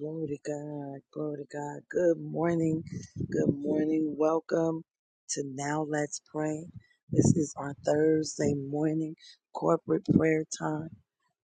Glory to God. Glory to God. Good morning. Good morning. Welcome to Now Let's Pray. This is our Thursday morning corporate prayer time.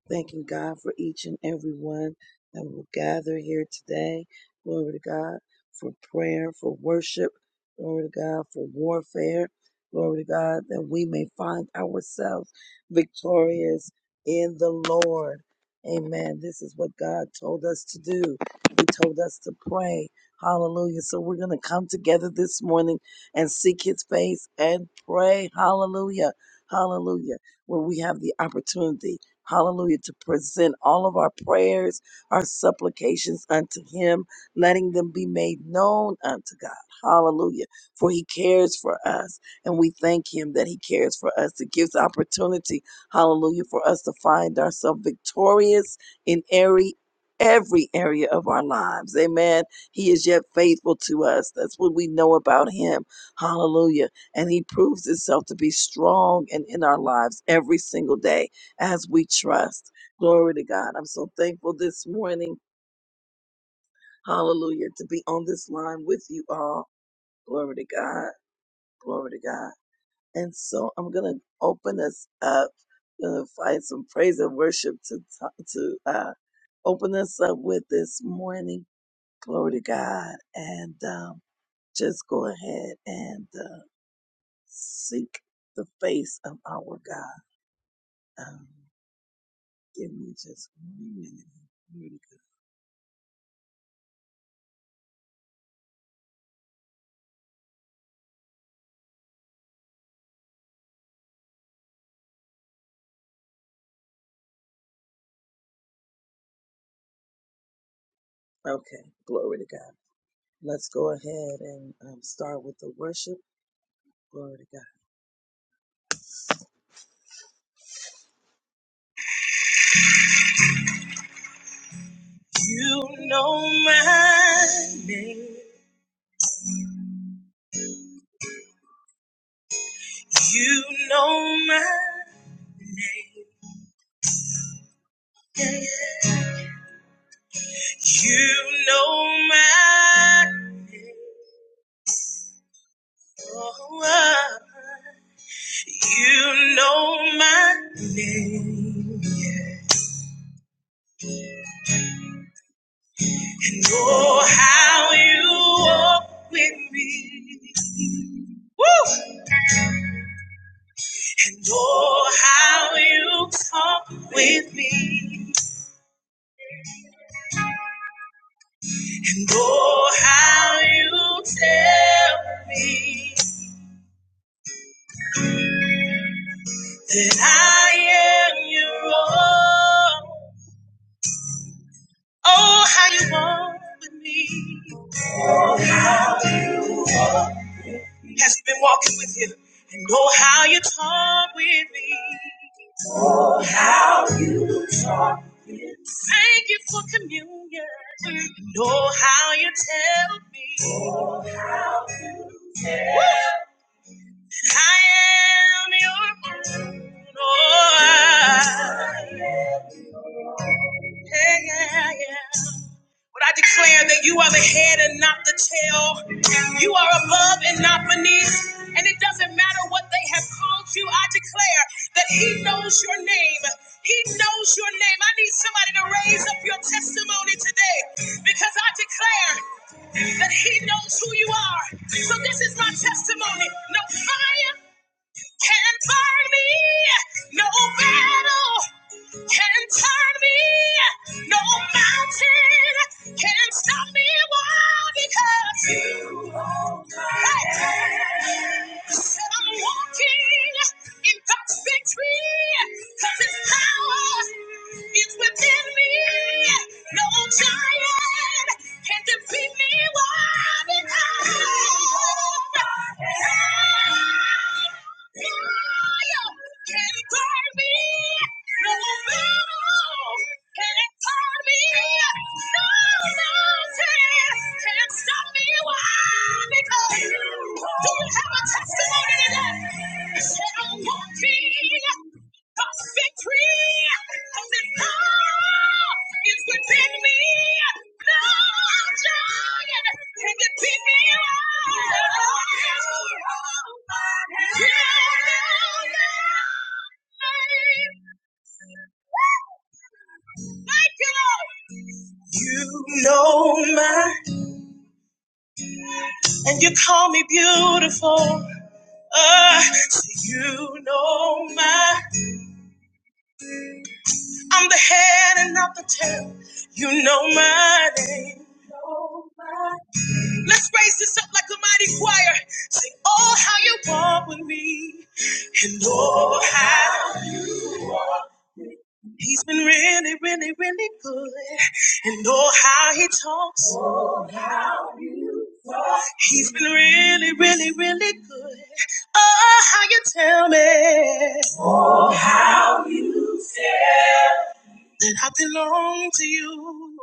Thanking God for each and every one that will gather here today. Glory to God for prayer, for worship. Glory to God for warfare. Glory to God that we may find ourselves victorious in the Lord. Amen. This is what God told us to do. He told us to pray. Hallelujah. So we're going to come together this morning and seek his face and pray. Hallelujah. Hallelujah. Where we have the opportunity. Hallelujah. To present all of our prayers, our supplications unto him, letting them be made known unto God. Hallelujah. For he cares for us. And we thank him that he cares for us. It gives opportunity, hallelujah, for us to find ourselves victorious in every every area of our lives. Amen. He is yet faithful to us. That's what we know about him. Hallelujah. And he proves himself to be strong and in our lives every single day as we trust. Glory to God. I'm so thankful this morning. Hallelujah. To be on this line with you all. Glory to God. Glory to God. And so I'm going to open us up. going to find some praise and worship to, to uh, open us up with this morning. Glory to God. And um, just go ahead and uh, seek the face of our God. Um, give me just one minute. Glory to God. Okay. Glory to God. Let's go ahead and um, start with the worship. Glory to God. You know my name. You know my name. You know my name. Oh, ah. you know my name. You know how you walk with me. Woo! And oh, how you talk with me. And Oh, how you tell me that I am your own. Oh, how you walk with me. Has he been walking with you? And oh, how you talk with me. Thank you for communion. And oh, how you tell me I am your own. Oh, I- yeah, yeah, yeah. But I declare that you are the head and not the tail. You are above and not beneath. And it doesn't matter what they have called you. I declare that He knows your name. He knows your name. I need somebody to raise up your testimony today because I declare that He knows who you are. So this is my testimony. No fire can turn me. No battle can turn me. No mountain can stop me. Why? Because you hold my hand. Said I'm walking in God's victory. 'cause His power is within me. No giant can defeat me. Why? Because. Victory! Cause it's within me. You know my, and you call me beautiful. Uh, so you know my, I'm the head and not the tail. You know my name. Let's raise this up like a mighty choir. Sing, oh, how you walk with me. And oh, how he's been really, really, really good. And oh, how he talks. He's been really, really, really good. Oh, how you tell me that I belong to you.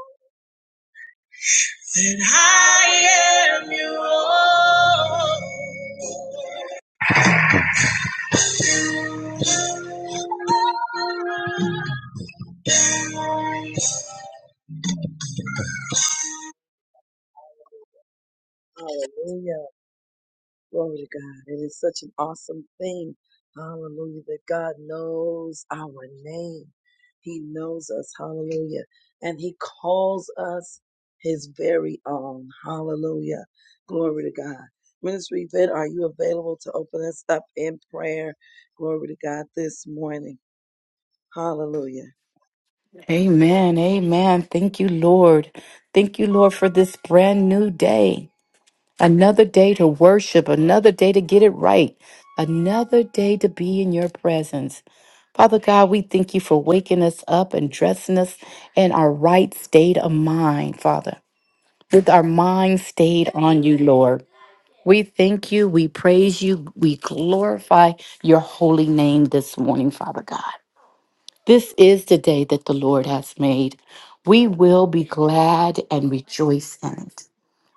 That I am your own. Hallelujah. Glory to God. It is such an awesome thing. Hallelujah. That God knows our name. He knows us. Hallelujah. And He calls us His very own. Hallelujah. Glory to God. Ministry Vet, are you available to open us up in prayer? Glory to God this morning. Hallelujah. Amen. Amen. Thank you, Lord. Thank you, Lord, for this brand new day. Another day to worship, another day to get it right, another day to be in your presence. Father God, we thank you for waking us up and dressing us in our right state of mind, Father, with our mind stayed on you, Lord. We thank you, we praise you, we glorify your holy name this morning, Father God. This is the day that the Lord has made. We will be glad and rejoice in it.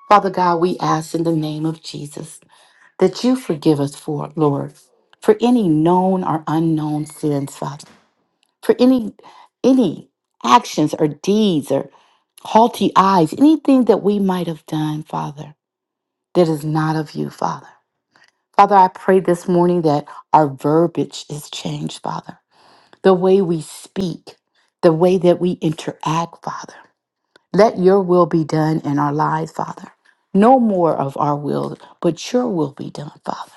Father God, we ask in the name of Jesus that you forgive us for, Lord, for any known or unknown sins, Father, for any any actions or deeds or haughty eyes, anything that we might have done, Father, that is not of you, Father. Father, I pray this morning that our verbiage is changed, Father the way we speak, the way that we interact, Father. Let your will be done in our lives, Father. No more of our will, but your will be done, Father.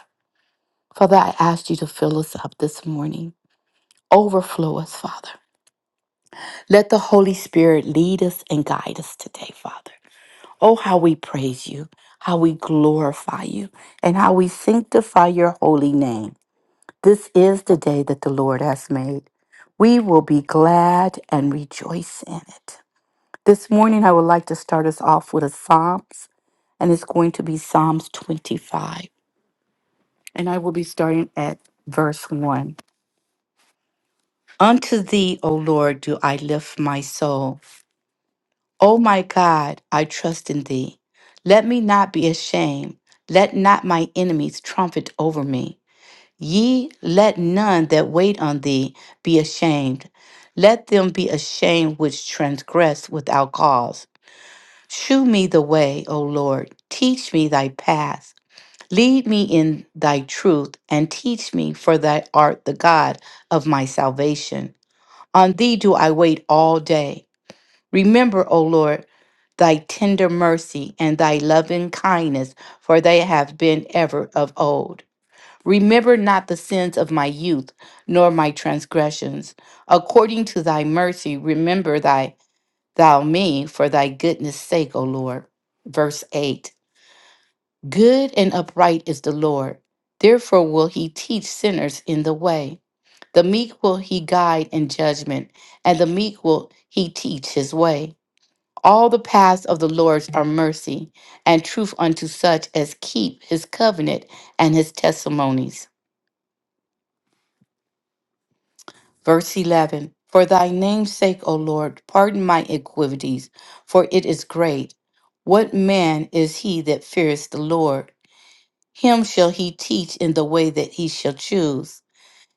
Father, I ask you to fill us up this morning. Overflow us, Father. Let the Holy Spirit lead us and guide us today, Father. Oh, how we praise you, how we glorify you, and how we sanctify your holy name. This is the day that the Lord has made. We will be glad and rejoice in it. This morning, I would like to start us off with a Psalms, and it's going to be Psalms 25. And I will be starting at verse 1. Unto thee, O Lord, do I lift my soul. O my God, I trust in thee. Let me not be ashamed. Let not my enemies trumpet over me. Ye let none that wait on thee be ashamed. Let them be ashamed which transgress without cause. Shew me the way, O Lord. Teach me thy path. Lead me in thy truth and teach me, for thou art the God of my salvation. On thee do I wait all day. Remember, O Lord, thy tender mercy and thy loving kindness, for they have been ever of old. Remember not the sins of my youth, nor my transgressions. According to thy mercy, remember thy thou me for thy goodness' sake, O Lord. Verse 8 Good and upright is the Lord. Therefore will he teach sinners in the way. The meek will he guide in judgment, and the meek will he teach his way. All the paths of the Lord are mercy and truth unto such as keep his covenant and his testimonies. Verse 11 For thy name's sake, O Lord, pardon my iniquities, for it is great. What man is he that fears the Lord? Him shall he teach in the way that he shall choose.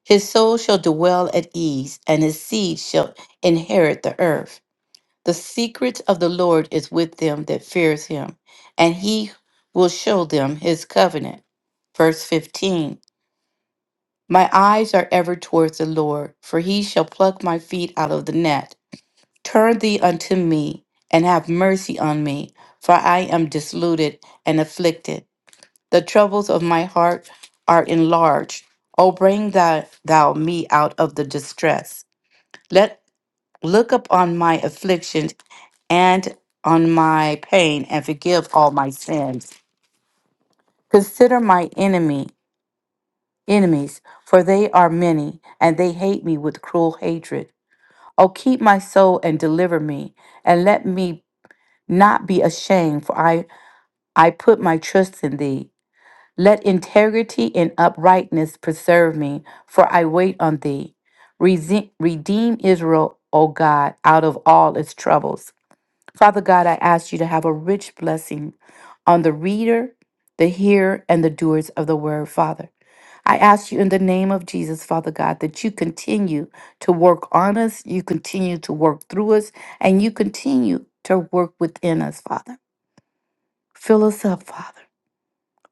His soul shall dwell at ease, and his seed shall inherit the earth. The secret of the Lord is with them that fears him, and he will show them his covenant. Verse 15 my eyes are ever towards the Lord, for he shall pluck my feet out of the net. Turn thee unto me, and have mercy on me, for I am disluted and afflicted. The troubles of my heart are enlarged. O bring thou, thou me out of the distress. Let look upon my afflictions and on my pain and forgive all my sins. Consider my enemy enemies, for they are many, and they hate me with cruel hatred. O keep my soul and deliver me, and let me not be ashamed, for I, I put my trust in thee. Let integrity and uprightness preserve me, for I wait on thee. Rese- Redeem Israel, O God, out of all its troubles. Father God, I ask you to have a rich blessing on the reader, the hearer, and the doers of the word, Father. I ask you in the name of Jesus, Father God, that you continue to work on us, you continue to work through us, and you continue to work within us, Father. Fill us up, Father.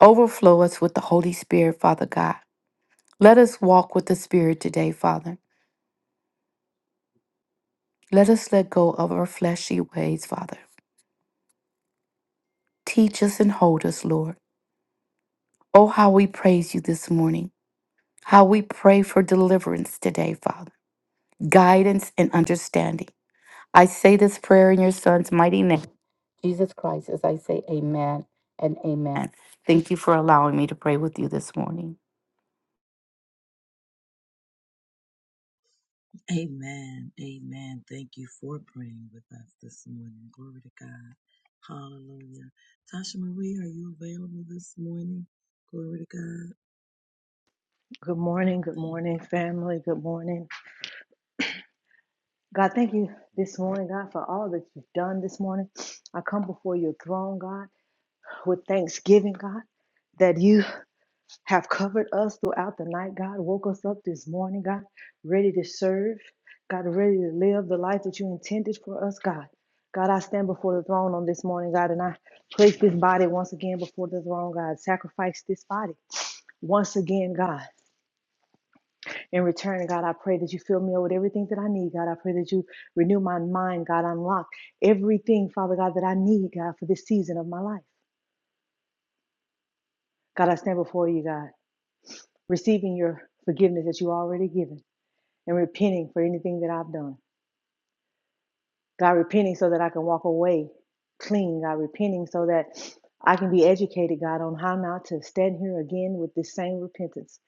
Overflow us with the Holy Spirit, Father God. Let us walk with the Spirit today, Father. Let us let go of our fleshy ways, Father. Teach us and hold us, Lord. Oh, how we praise you this morning. How we pray for deliverance today, Father. Guidance and understanding. I say this prayer in your son's mighty name, Jesus Christ, as I say amen and amen. Thank you for allowing me to pray with you this morning. Amen. Amen. Thank you for praying with us this morning. Glory to God. Hallelujah. Tasha Marie, are you available this morning? Glory to God. Good morning, good morning, family. Good morning. God, thank you this morning, God, for all that you've done this morning. I come before your throne, God, with thanksgiving, God, that you have covered us throughout the night, God. Woke us up this morning, God, ready to serve, God, ready to live the life that you intended for us, God. God, I stand before the throne on this morning, God, and I place this body once again before the throne, God. Sacrifice this body once again, God. In return, God, I pray that you fill me up with everything that I need. God, I pray that you renew my mind. God, unlock everything, Father God, that I need, God, for this season of my life. God, I stand before you, God, receiving your forgiveness that you already given and repenting for anything that I've done. God, repenting so that I can walk away clean. God, repenting so that I can be educated, God, on how not to stand here again with this same repentance.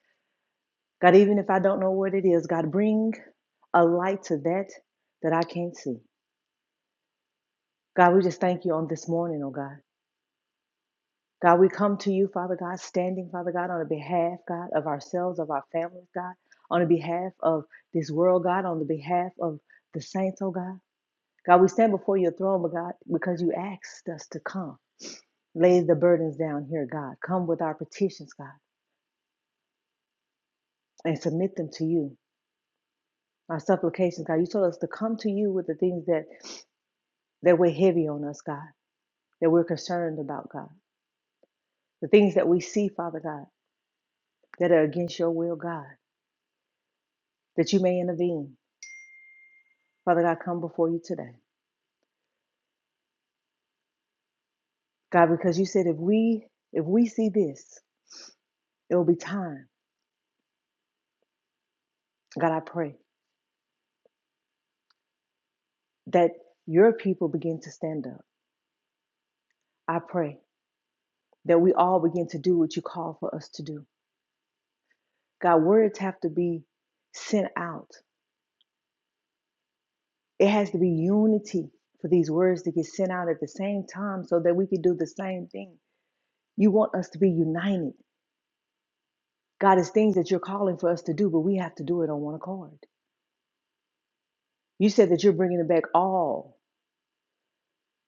God, even if I don't know what it is, God, bring a light to that that I can't see. God, we just thank you on this morning, oh God. God, we come to you, Father God, standing, Father God, on the behalf, God, of ourselves, of our families, God, on the behalf of this world, God, on the behalf of the saints, oh God. God, we stand before your throne, but God, because you asked us to come. Lay the burdens down here, God. Come with our petitions, God, and submit them to you. Our supplications, God. You told us to come to you with the things that that weigh heavy on us, God, that we're concerned about, God. The things that we see, Father God that are against your will, God, that you may intervene. Father God, come before you today. God, because you said if we if we see this, it will be time. God, I pray that your people begin to stand up. I pray that we all begin to do what you call for us to do. God, words have to be sent out. It has to be unity for these words to get sent out at the same time so that we can do the same thing. You want us to be united. God, it's things that you're calling for us to do, but we have to do it on one accord. You said that you're bringing it back all.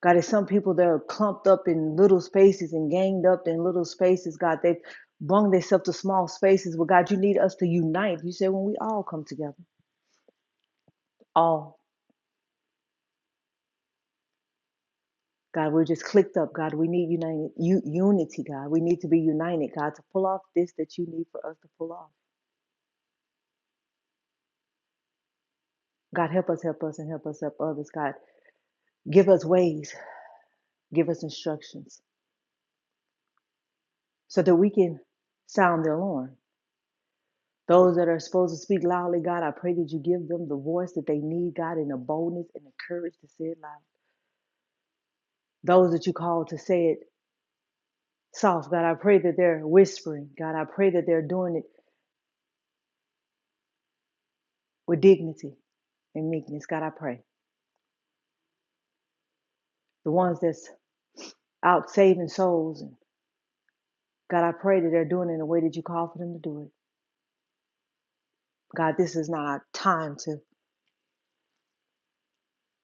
God, there's some people that are clumped up in little spaces and ganged up in little spaces. God, they've brung themselves to small spaces. Well, God, you need us to unite. You said when we all come together, all. God, we're just clicked up. God, we need united u- unity. God, we need to be united. God, to pull off this that you need for us to pull off. God, help us, help us, and help us help others. God, give us ways, give us instructions, so that we can sound the alarm Those that are supposed to speak loudly, God, I pray that you give them the voice that they need, God, and the boldness and the courage to say it loud. Those that you call to say it soft, God, I pray that they're whispering. God, I pray that they're doing it with dignity and meekness. God, I pray. The ones that's out saving souls, and God, I pray that they're doing it in the way that you call for them to do it. God, this is not our time to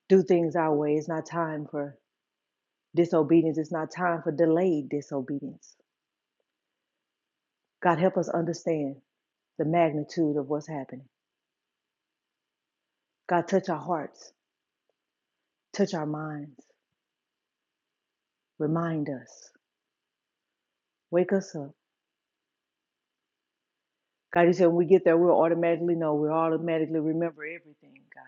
do things our way. It's not time for disobedience. It's not time for delayed disobedience. God, help us understand. the magnitude of what's happening. God, touch our hearts, touch our minds, remind us, wake us up. God, you said when we get there, we'll automatically know, we'll automatically remember everything, God.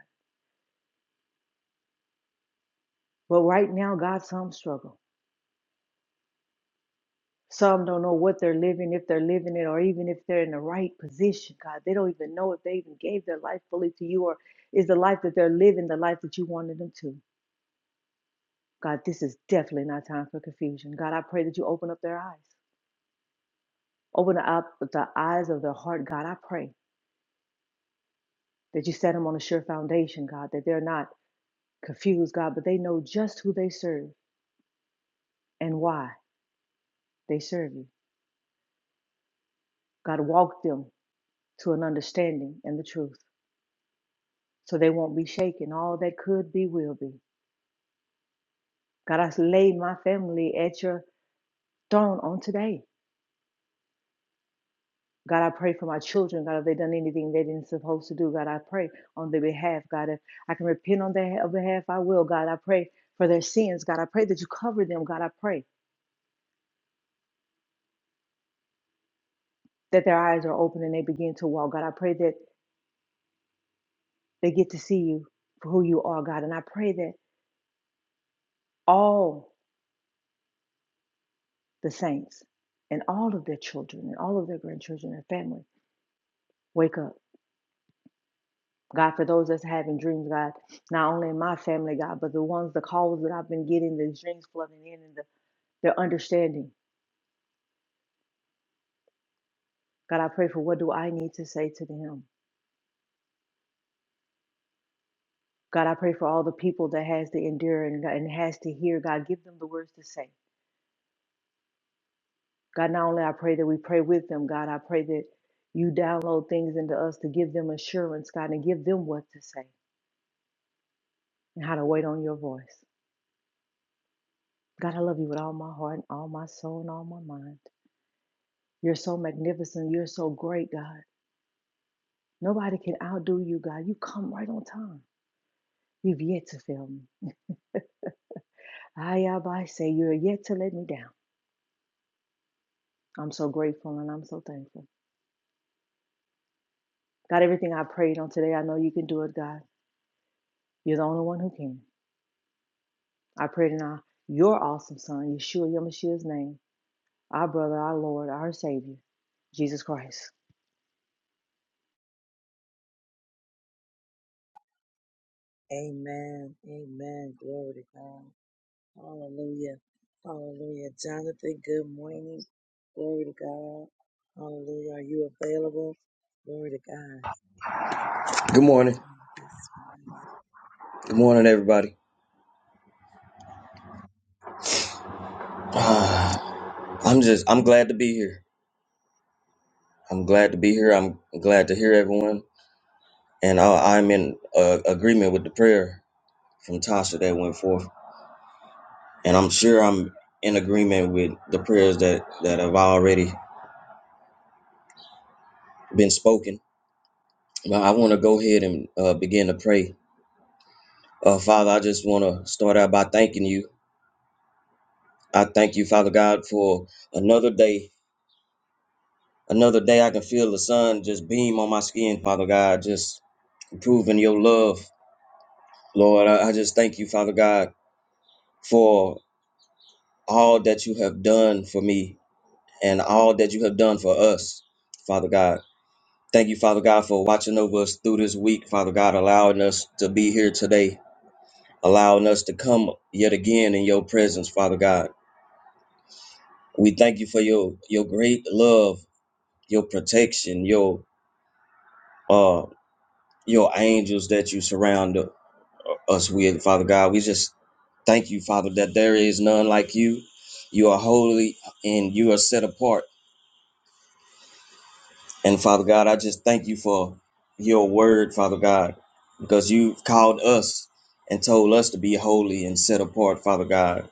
But right now, God, some struggle. Some don't know what they're living, if they're living it, or even if they're in the right position, God. They don't even know if they even gave their life fully to you, or is the life that they're living the life that you wanted them to. God, this is definitely not time for confusion. God, I pray that you open up their eyes. Open up the eyes of their heart, God. I pray. that you set them on a sure foundation, God, that they're not confused, God, but they know just who they serve and why they serve you. God, walk them to an understanding and the truth so they won't be shaken. All that could be will be. God, I lay my family at your throne on today. God, I pray for my children. God, if they done anything they didn't supposed to do, God, I pray on their behalf. God, if I can repent on their behalf, I will. God, I pray for their sins. God, I pray that you cover them. God, I pray that their eyes are open and they begin to walk. God, I pray that They get to see you for who you are, God. And I pray that all the saints and all of their children and all of their grandchildren and family wake up. God, for those that's having dreams, God, not only in my family, God, but the ones, the calls that I've been getting, the dreams flooding in and the, their understanding. God, I pray for what do I need to say to them? God, I pray for all the people that has to endure and, and has to hear. God, give them the words to say. God, not only I pray that we pray with them, God, I pray that you download things into us to give them assurance, God, and give them what to say and how to wait on your voice. God, I love you with all my heart and all my soul and all my mind. You're so magnificent. You're so great, God. Nobody can outdo you, God. You come right on time. You've yet to fail me. I, I say, you're yet to let me down. I'm so grateful and I'm so thankful. God, everything I prayed on today, I know you can do it, God. You're the only one who can. I pray it in our, your awesome Son, Yeshua Yamashia's name, our brother, our Lord, our Savior, Jesus Christ. Amen. Amen. Glory to God. Hallelujah. Hallelujah. Jonathan, good morning. Glory to God. Hallelujah. Are you available? Glory to God. Good morning. This morning. Good morning, everybody. Uh, I'm just, I'm glad to be here. I'm glad to be here. I'm glad to hear everyone. And I, I'm in uh, agreement with the prayer from Tasha that went forth. And I'm sure I'm in agreement with the prayers that, that have already been spoken. But I want to go ahead and uh, begin to pray. Uh, Father, I just want to start out by thanking you. I thank you, Father God, for another day. Another day I can feel the sun just beam on my skin, Father God. Just proving your love, Lord. I, I just thank you, Father God, for all that you have done for me and all that you have done for us, Father God. Thank you, Father God, for watching over us through this week, Father God, allowing us to be here today, allowing us to come yet again in your presence, Father God. We thank you for your your great love, your protection, your uh your angels that you surround us with, Father God. We just Thank you, Father, that there is none like you. You are holy and you are set apart. And Father God, I just thank you for your word, Father God, because you've called us and told us to be holy and set apart, Father God,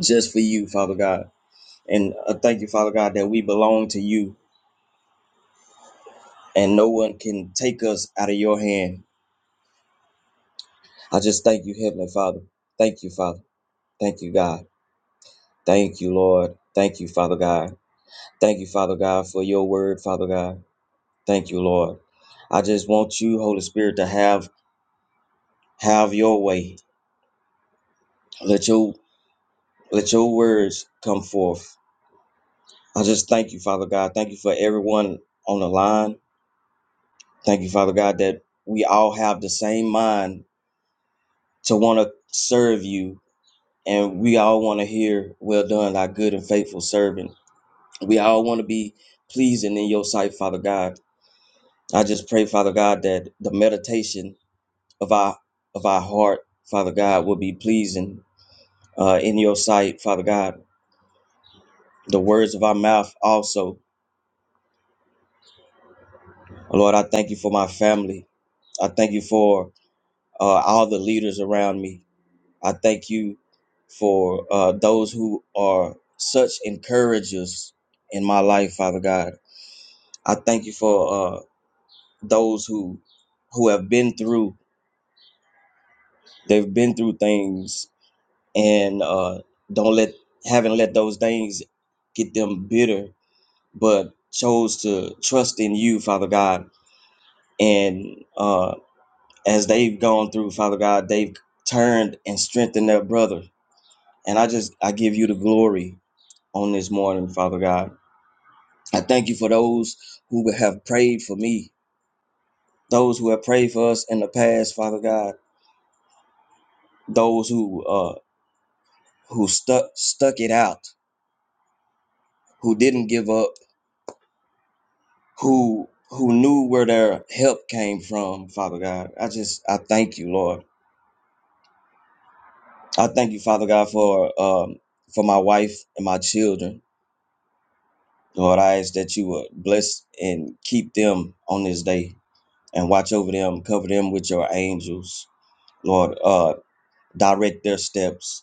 just for you, Father God. And I thank you, Father God, that we belong to you and no one can take us out of your hand. I just thank you, Heavenly Father. Thank you, Father. Thank you, God. Thank you, Lord. Thank you, Father God. Thank you, Father God, for your word, Father God. Thank you, Lord. I just want you, Holy Spirit, to have have your way. Let your let your words come forth. I just thank you, Father God. Thank you for everyone on the line. Thank you, Father God, that we all have the same mind to want to serve you. And we all want to hear, well done, thy good and faithful servant. We all want to be pleasing in your sight, Father God. I just pray, Father God, that the meditation of our of our heart, Father God, will be pleasing uh, in your sight, Father God. The words of our mouth also. Lord, I thank you for my family. I thank you for uh, all the leaders around me. I thank you for uh, those who are such encouragers in my life, Father God. I thank you for uh, those who who have been through they've been through things and uh, don't let haven't let those things get them bitter, but chose to trust in you, Father God And uh, as they've gone through, Father God, they've turned and strengthened their brother. And I just, I give you the glory on this morning, Father God. I thank you for those who have prayed for me, those who have prayed for us in the past, Father God, those who uh, who stuck stuck it out, who didn't give up, who who knew where their help came from, Father God. I just, I thank you, Lord. I thank you, Father God, for um, for my wife and my children. Lord, I ask that you would bless and keep them on this day and watch over them, cover them with your angels. Lord, uh, direct their steps,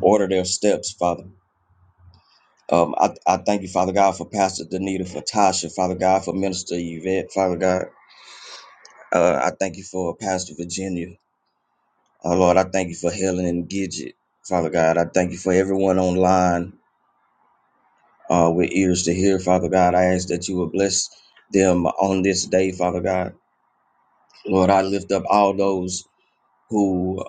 order their steps, Father. Um, I, I thank you, Father God, for Pastor Danita, for Tasha, Father God, for Minister Yvette, Father God. Uh, I thank you for Pastor Virginia. Uh, Lord, I thank you for Helen and Gidget, Father God. I thank you for everyone online uh, with ears to hear, Father God. I ask that you would bless them on this day, Father God. Lord, I lift up all those who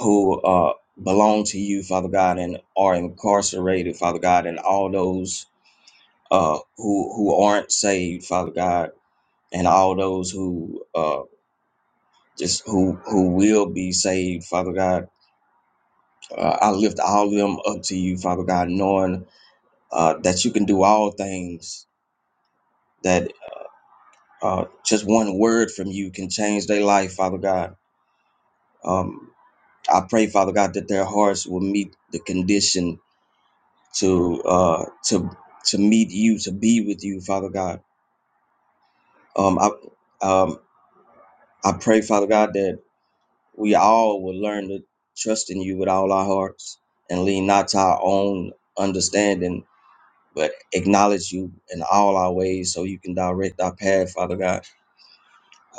who uh, belong to you, Father God, and are incarcerated, Father God, and all those uh, who who aren't saved, Father God, and all those who uh, just who who will be saved, Father God. Uh, I lift all of them up to you, Father God, knowing uh, that you can do all things. That uh, just one word from you can change their life, Father God. Um, I pray, Father God, that their hearts will meet the condition to uh, to to meet you, to be with you, Father God. Um, I um, I pray, Father God, that we all will learn to trust in you with all our hearts and lean not to our own understanding, but acknowledge you in all our ways, so you can direct our path, Father God.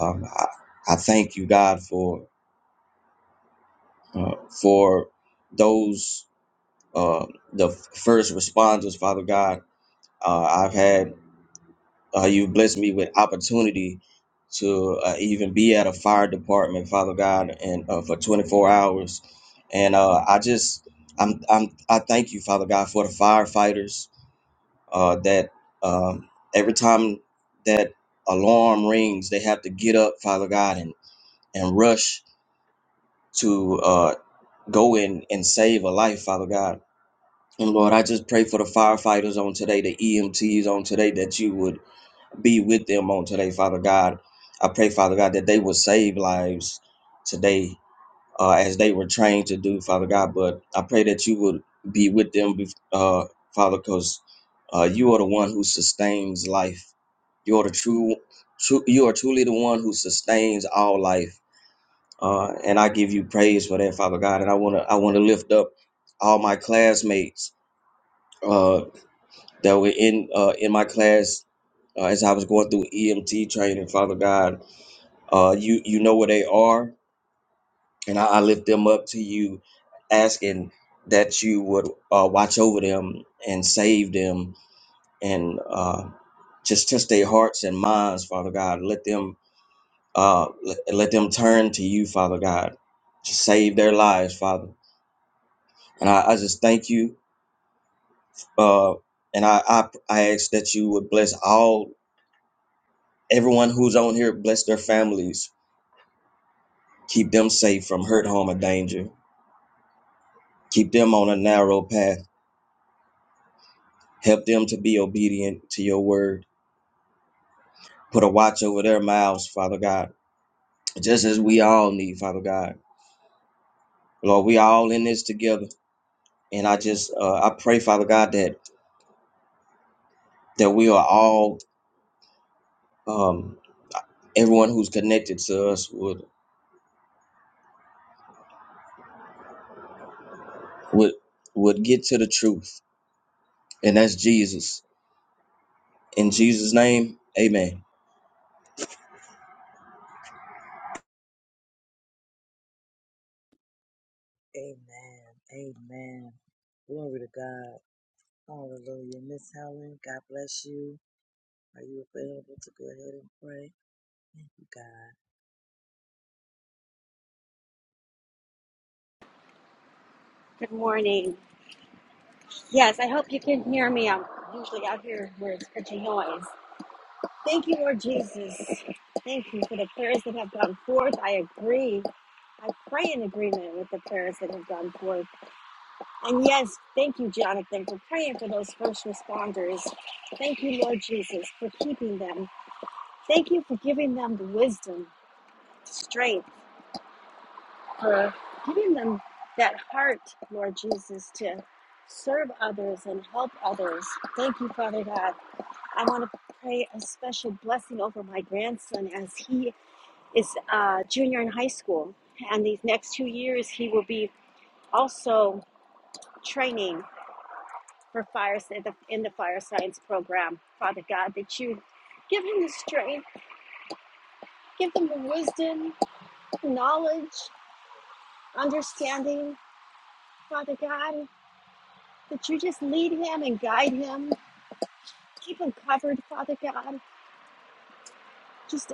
Um, I, I thank you, God, for uh, for those uh, the first responders, Father God Uh, I've had uh, you blessed me with opportunity to uh, even be at a fire department, Father God, and uh, for 24 hours. And uh, I just I'm I'm I thank you, Father God, for the firefighters uh, that um, every time that alarm rings, they have to get up, Father God, and and rush to uh, go in and save a life, Father God. And Lord, I just pray for the firefighters on today, the EMTs on today, that you would be with them on today, Father God. I pray, Father God, that they will save lives today uh, as they were trained to do, Father God. But I pray that you would be with them, bef- uh, Father, because uh, you are the one who sustains life. You are the true, true. You are truly the one who sustains all life. Uh, and I give you praise for that, Father God. And I wanna, I wanna lift up all my classmates uh, that were in uh, in my class uh, as I was going through EMT training, Father God uh, you you know where they are, and I, I lift them up to you, asking that you would uh, watch over them and save them, and uh, just test their hearts and minds, Father God. Let them uh, let, let them turn to you, Father God, to save their lives, Father. And I, I just thank you, uh, and I, I I ask that you would bless all everyone who's on here, bless their families, keep them safe from hurt, harm, or danger. Keep them on a narrow path Help them to be obedient to your word. Put a watch over their mouths, Father God, just as we all need, Father God. Lord, we all in this together. And I just, uh, I pray, Father God, that that we are all, um, everyone who's connected to us would would would get to the truth, and that's Jesus. In Jesus' name, Amen. Amen. Amen. Glory to God. Hallelujah. Miss Helen, God bless you. Are you available to go ahead and pray? Thank you, God. Good morning. Yes, I hope you Good can hear morning. me. I'm usually out here where it's such a noise. Thank you, Lord Jesus. Thank you for the prayers that have gone forth. I agree. I pray in agreement with the prayers that have gone forth. And yes, thank you, Jonathan, for praying for those first responders. Thank you, Lord Jesus, for keeping them. Thank you for giving them the wisdom, strength, for giving them that heart, Lord Jesus, to serve others and help others. Thank you, Father God. I want to pray a special blessing over my grandson as he is a junior in high school. And these next two years, he will be also training for fire in the, in the fire science program. Father God, that you give him the strength, give them the wisdom, knowledge, understanding, Father God. that you just lead him and guide him. Keep him covered, Father God. Just,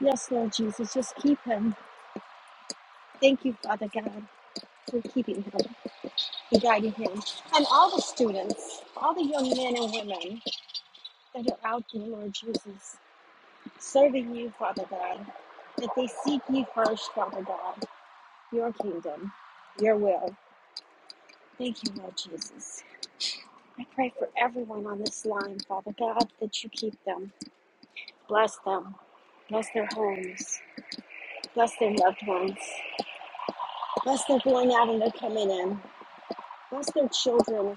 yes, Lord Jesus, just keep him. Thank you, Father God, for keeping him and guiding him. And all the students, all the young men and women that are out there, Lord Jesus, serving you, Father God, that they seek you first, Father God, your kingdom, your will. Thank you, Lord Jesus. I pray for everyone on this line, Father God, that you keep them, bless them, bless their homes, Bless their loved ones. Bless their going out and their coming in. Bless their children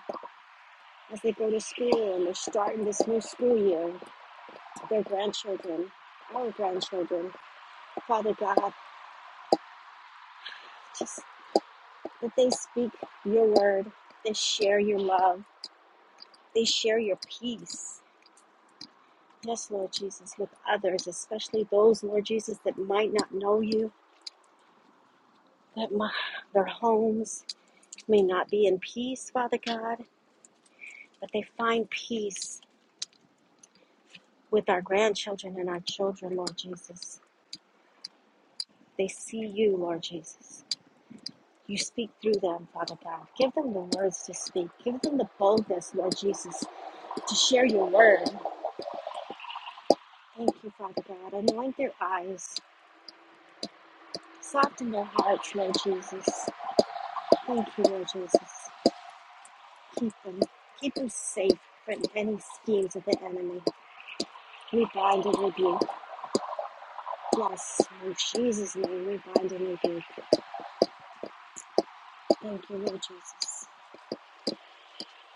as they go to school and they're starting this new school year. Their grandchildren, our grandchildren. Father God, just that they speak your word, they share your love, they share your peace. Yes, Lord Jesus, with others, especially those, Lord Jesus, that might not know you, that my, their homes may not be in peace, Father God, but they find peace with our grandchildren and our children, Lord Jesus. They see you, Lord Jesus. You speak through them, Father God. Give them the words to speak. Give them the boldness, Lord Jesus, to share your word. Thank you, Father God. Anoint their eyes. Soften their hearts, Lord Jesus. Thank you, Lord Jesus. Keep them. Keep them safe from any schemes of the enemy. We bind and rebuke. Yes, in Jesus' name, we bind and rebuke. Thank you, Lord Jesus.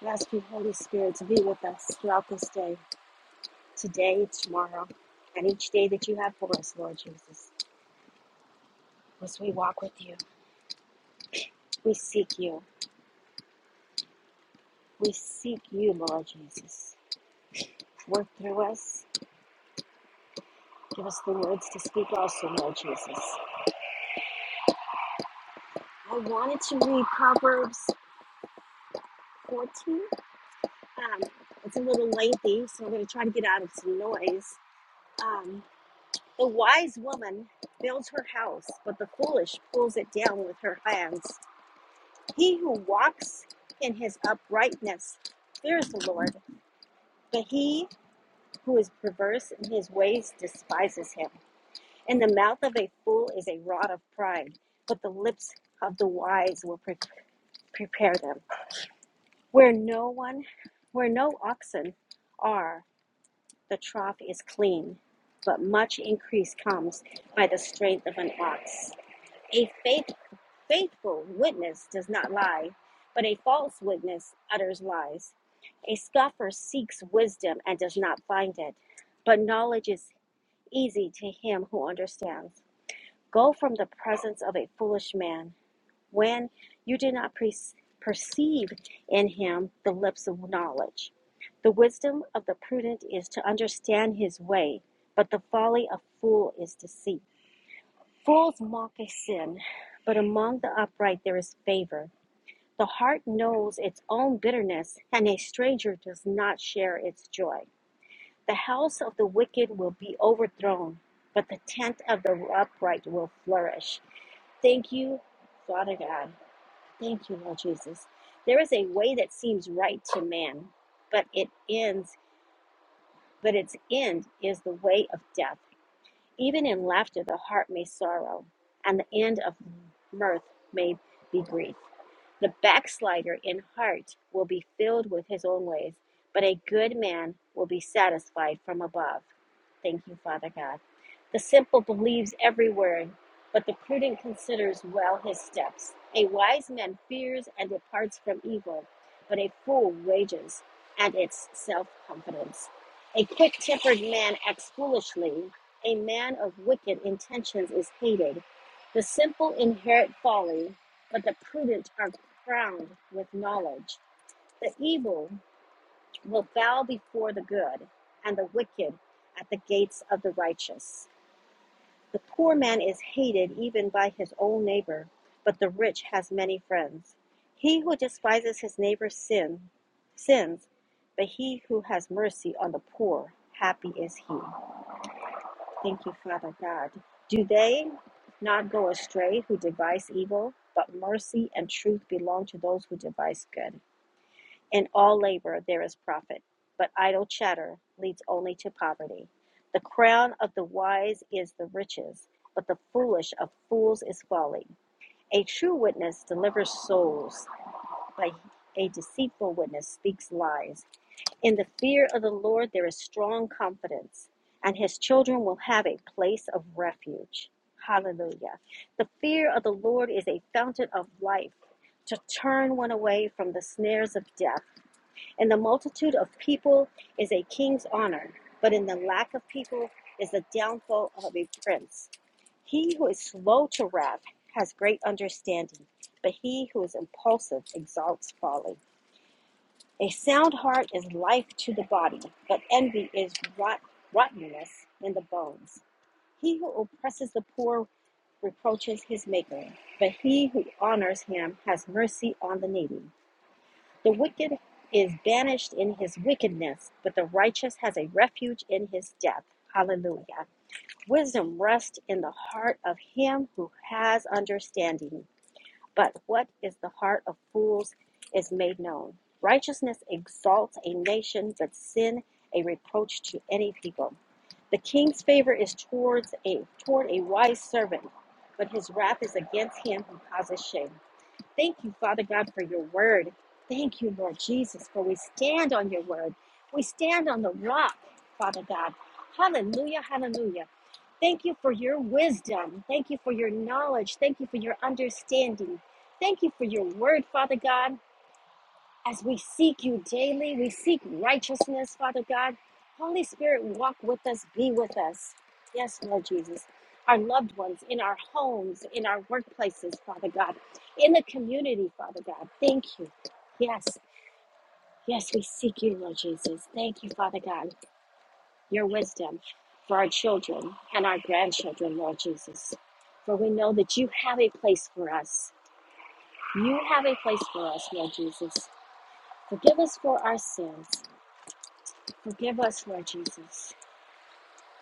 We Ask you, Holy Spirit, to be with us throughout this day, today, tomorrow, and each day that you have for us, Lord Jesus. As we walk with you, we seek you. We seek you, Lord Jesus. Work through us. Give us the words to speak also, Lord Jesus. I wanted to read Proverbs 14. Um, it's a little lengthy, so I'm going to try to get out of some noise. Um, the wise woman builds her house, but the foolish pulls it down with her hands. He who walks in his uprightness fears the Lord, but he who is perverse in his ways despises him. In the mouth of a fool is a rod of pride, but the lips of the wise will pre- prepare them. Where no one, where no oxen are, the trough is clean, but much increase comes by the strength of an ox. A faith, faithful witness does not lie, but a false witness utters lies. A scoffer seeks wisdom and does not find it, but knowledge is easy to him who understands. Go from the presence of a foolish man when you do not pre- perceive in him the lips of knowledge. The wisdom of the prudent is to understand his way, but the folly of fool is deceit. Fools mock a sin, but among the upright there is favor. The heart knows its own bitterness, and a stranger does not share its joy. The house of the wicked will be overthrown, but the tent of the upright will flourish. Thank you, Father God. Thank you, Lord Jesus. There is a way that seems right to man, but it ends, but its end is the way of death. Even in laughter the heart may sorrow, and the end of mirth may be grief. The backslider in heart will be filled with his own ways, but a good man will be satisfied from above. Thank you, Father God. The simple believes every word, but the prudent considers well his steps. A wise man fears and departs from evil, but a fool rages at its self confidence. A quick tempered man acts foolishly, a man of wicked intentions is hated. The simple inherit folly, but the prudent are crowned with knowledge. The evil will bow before the good, and the wicked at the gates of the righteous. The poor man is hated even by his own neighbor, but the rich has many friends. He who despises his neighbor's sin sins, but he who has mercy on the poor, happy is he. Thank you, Father God. Do they not go astray who devise evil, but mercy and truth belong to those who devise good. In all labor there is profit, but idle chatter leads only to poverty. The crown of the wise is the riches, but the foolish of fools is folly. A true witness delivers souls, but a deceitful witness speaks lies. In the fear of the Lord there is strong confidence, and his children will have a place of refuge. Hallelujah. The fear of the Lord is a fountain of life to turn one away from the snares of death. In the multitude of people is a king's honor, but in the lack of people is the downfall of a prince. He who is slow to wrath has great understanding, but he who is impulsive exalts folly. A sound heart is life to the body, but envy is rot- rottenness in the bones. He who oppresses the poor reproaches his maker, but he who honors him has mercy on the needy. The wicked is banished in his wickedness, but the righteous has a refuge in his death. Hallelujah. Wisdom rests in the heart of him who has understanding, but what is the heart of fools is made known. Righteousness exalts a nation, but sin a reproach to any people. The king's favor is towards a toward a wise servant, but his wrath is against him who causes shame. Thank you, Father God, for your word. Thank you, Lord Jesus, for we stand on your word. We stand on the rock, Father God. Hallelujah, hallelujah. Thank you for your wisdom. Thank you for your knowledge. Thank you for your understanding. Thank you for your word, Father God. As we seek you daily, we seek righteousness, Father God. Holy Spirit, walk with us, be with us. Yes, Lord Jesus. Our loved ones in our homes, in our workplaces, Father God, in the community, Father God. Thank you. Yes, yes, we seek you, Lord Jesus. Thank you, Father God, your wisdom for our children and our grandchildren, Lord Jesus. For we know that you have a place for us. You have a place for us, Lord Jesus. Forgive us for our sins. Forgive us, Lord Jesus.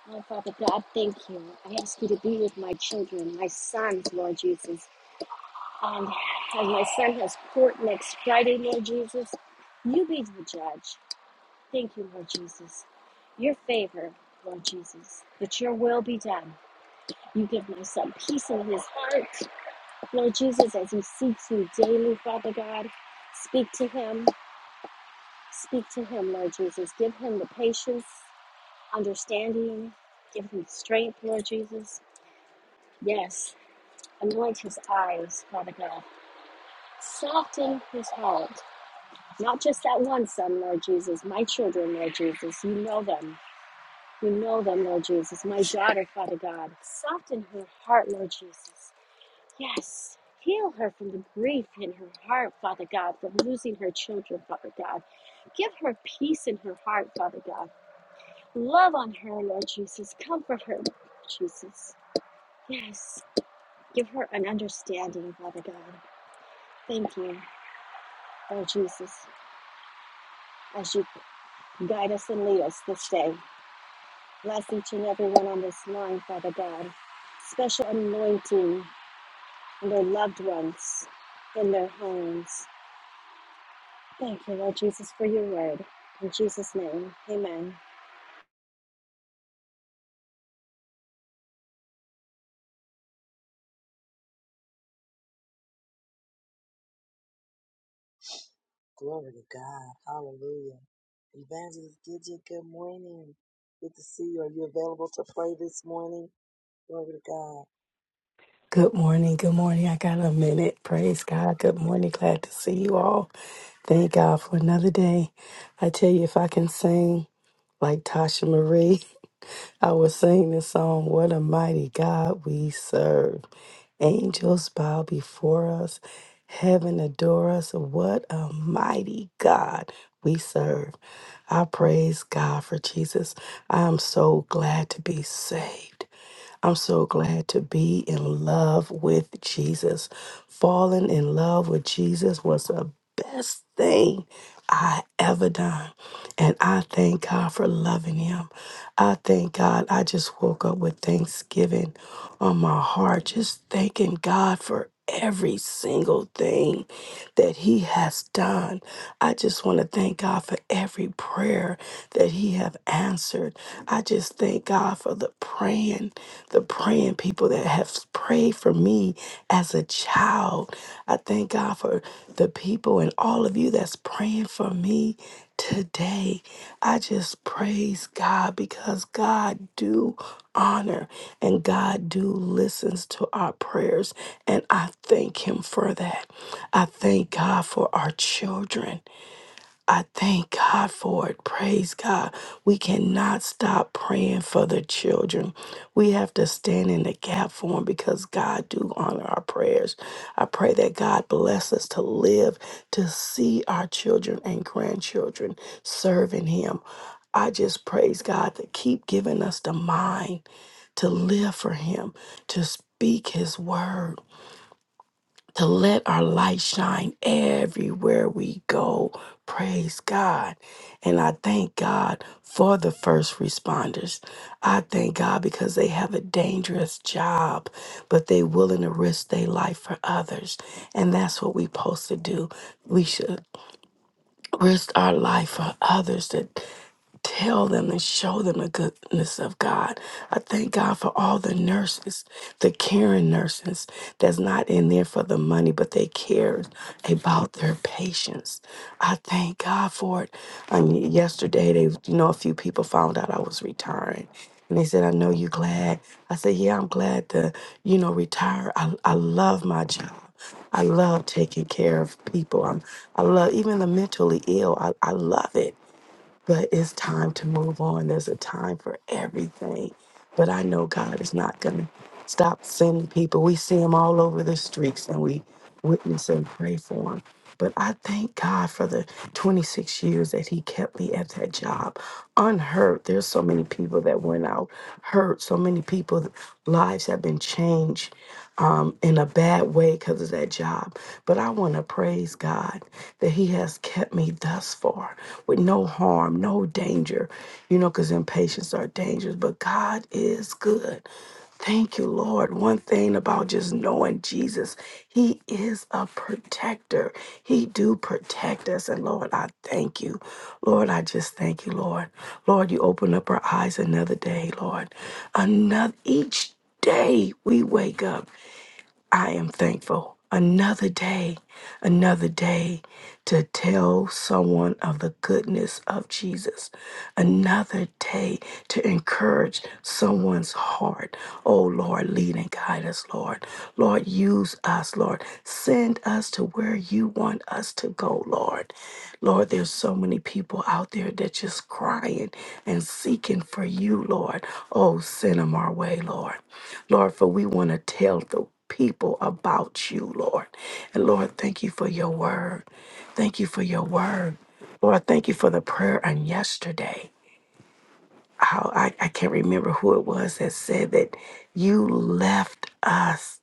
Oh, Father God, thank you. I ask you to be with my children, my sons, Lord Jesus. And as my son has court next Friday, Lord Jesus, you be the judge. Thank you, Lord Jesus. Your favor, Lord Jesus, that your will be done. You give my son peace in his heart, Lord Jesus, as he seeks you daily, Father God. Speak to him. Speak to him, Lord Jesus. Give him the patience understanding. Give him strength, Lord Jesus. Yes, anoint his eyes, Father God. Soften his heart. Not just that one son, Lord Jesus. My children, Lord Jesus. You know them. You know them, Lord Jesus. My daughter, Father God. Soften her heart, Lord Jesus. Yes. Heal her from the grief in her heart, Father God, from losing her children, Father God. Give her peace in her heart, Father God. Love on her, Lord Jesus. Comfort her, Jesus. Yes. Give her an understanding, Father God. Thank you, Lord Jesus, as you guide us and lead us this day. Bless each and every one on this line, Father God. Special anointing in their loved ones, in their homes. Thank you, Lord Jesus, for your word. In Jesus' name, amen. Glory to God. Hallelujah. Evangelist Gidget, good morning. Good to see you. Are you available to pray this morning? Glory to God. Good morning. Good morning. I got a minute. Praise God. Good morning. Glad to see you all. Thank God for another day. I tell you, if I can sing like Tasha Marie, I will sing this song, What a Mighty God We Serve. Angels bow before us, heaven adore us. What a mighty God we serve. I praise God for Jesus. I am so glad to be saved. I'm so glad to be in love with Jesus. Falling in love with Jesus was the best thing I ever done. And I thank God for loving him. I thank God. I just woke up with thanksgiving on my heart, just thanking God for every single thing that He has done. I just want to thank God for every prayer that He have answered. I just thank God for the praying, the praying people that have prayed for me as a child. I thank God for the people and all of you that's praying for me today. I just praise God because God do honor and God do listens to our prayers and I thank him for that. I thank God for our children. I thank God for it. Praise God. We cannot stop praying for the children. We have to stand in the gap for them because God do honor our prayers. I pray that God bless us to live to see our children and grandchildren serving Him. I just praise God to keep giving us the mind to live for Him, to speak His word to let our light shine everywhere we go. Praise God. And I thank God for the first responders. I thank God because they have a dangerous job, but they willing to risk their life for others. And that's what we supposed to do. We should risk our life for others to tell them and show them the goodness of God. I thank God for all the nurses, the caring nurses that's not in there for the money, but they care about their patients. I thank God for it. I yesterday, they, you know, a few people found out I was retiring. And they said, I know you glad. I said, yeah, I'm glad to, you know, retire. I, I love my job. I love taking care of people. I'm, I love even the mentally ill. I, I love it. But it's time to move on. There's a time for everything. But I know God is not going to stop sending people. We see them all over the streets and we witness and pray for them. But I thank God for the 26 years that He kept me at that job unhurt. There's so many people that went out hurt. So many people, lives have been changed um, in a bad way because of that job. But I want to praise God that He has kept me thus far with no harm, no danger, you know, because impatience are dangerous. But God is good. Thank you, Lord. One thing about just knowing Jesus, He is a protector. He do protect us. And Lord, I thank you. Lord, I just thank you, Lord. Lord, you open up our eyes another day, Lord. Another each day we wake up. I am thankful. Another day, another day to tell someone of the goodness of Jesus. Another day to encourage someone's heart. Oh Lord, lead and guide us, Lord. Lord, use us, Lord. Send us to where you want us to go, Lord. Lord, there's so many people out there that just crying and seeking for you, Lord. Oh, send them our way, Lord. Lord, for we want to tell the people about you, Lord. And Lord, thank you for your word. Thank you for your word. Lord, thank you for the prayer on yesterday. How I, I can't remember who it was that said that you left us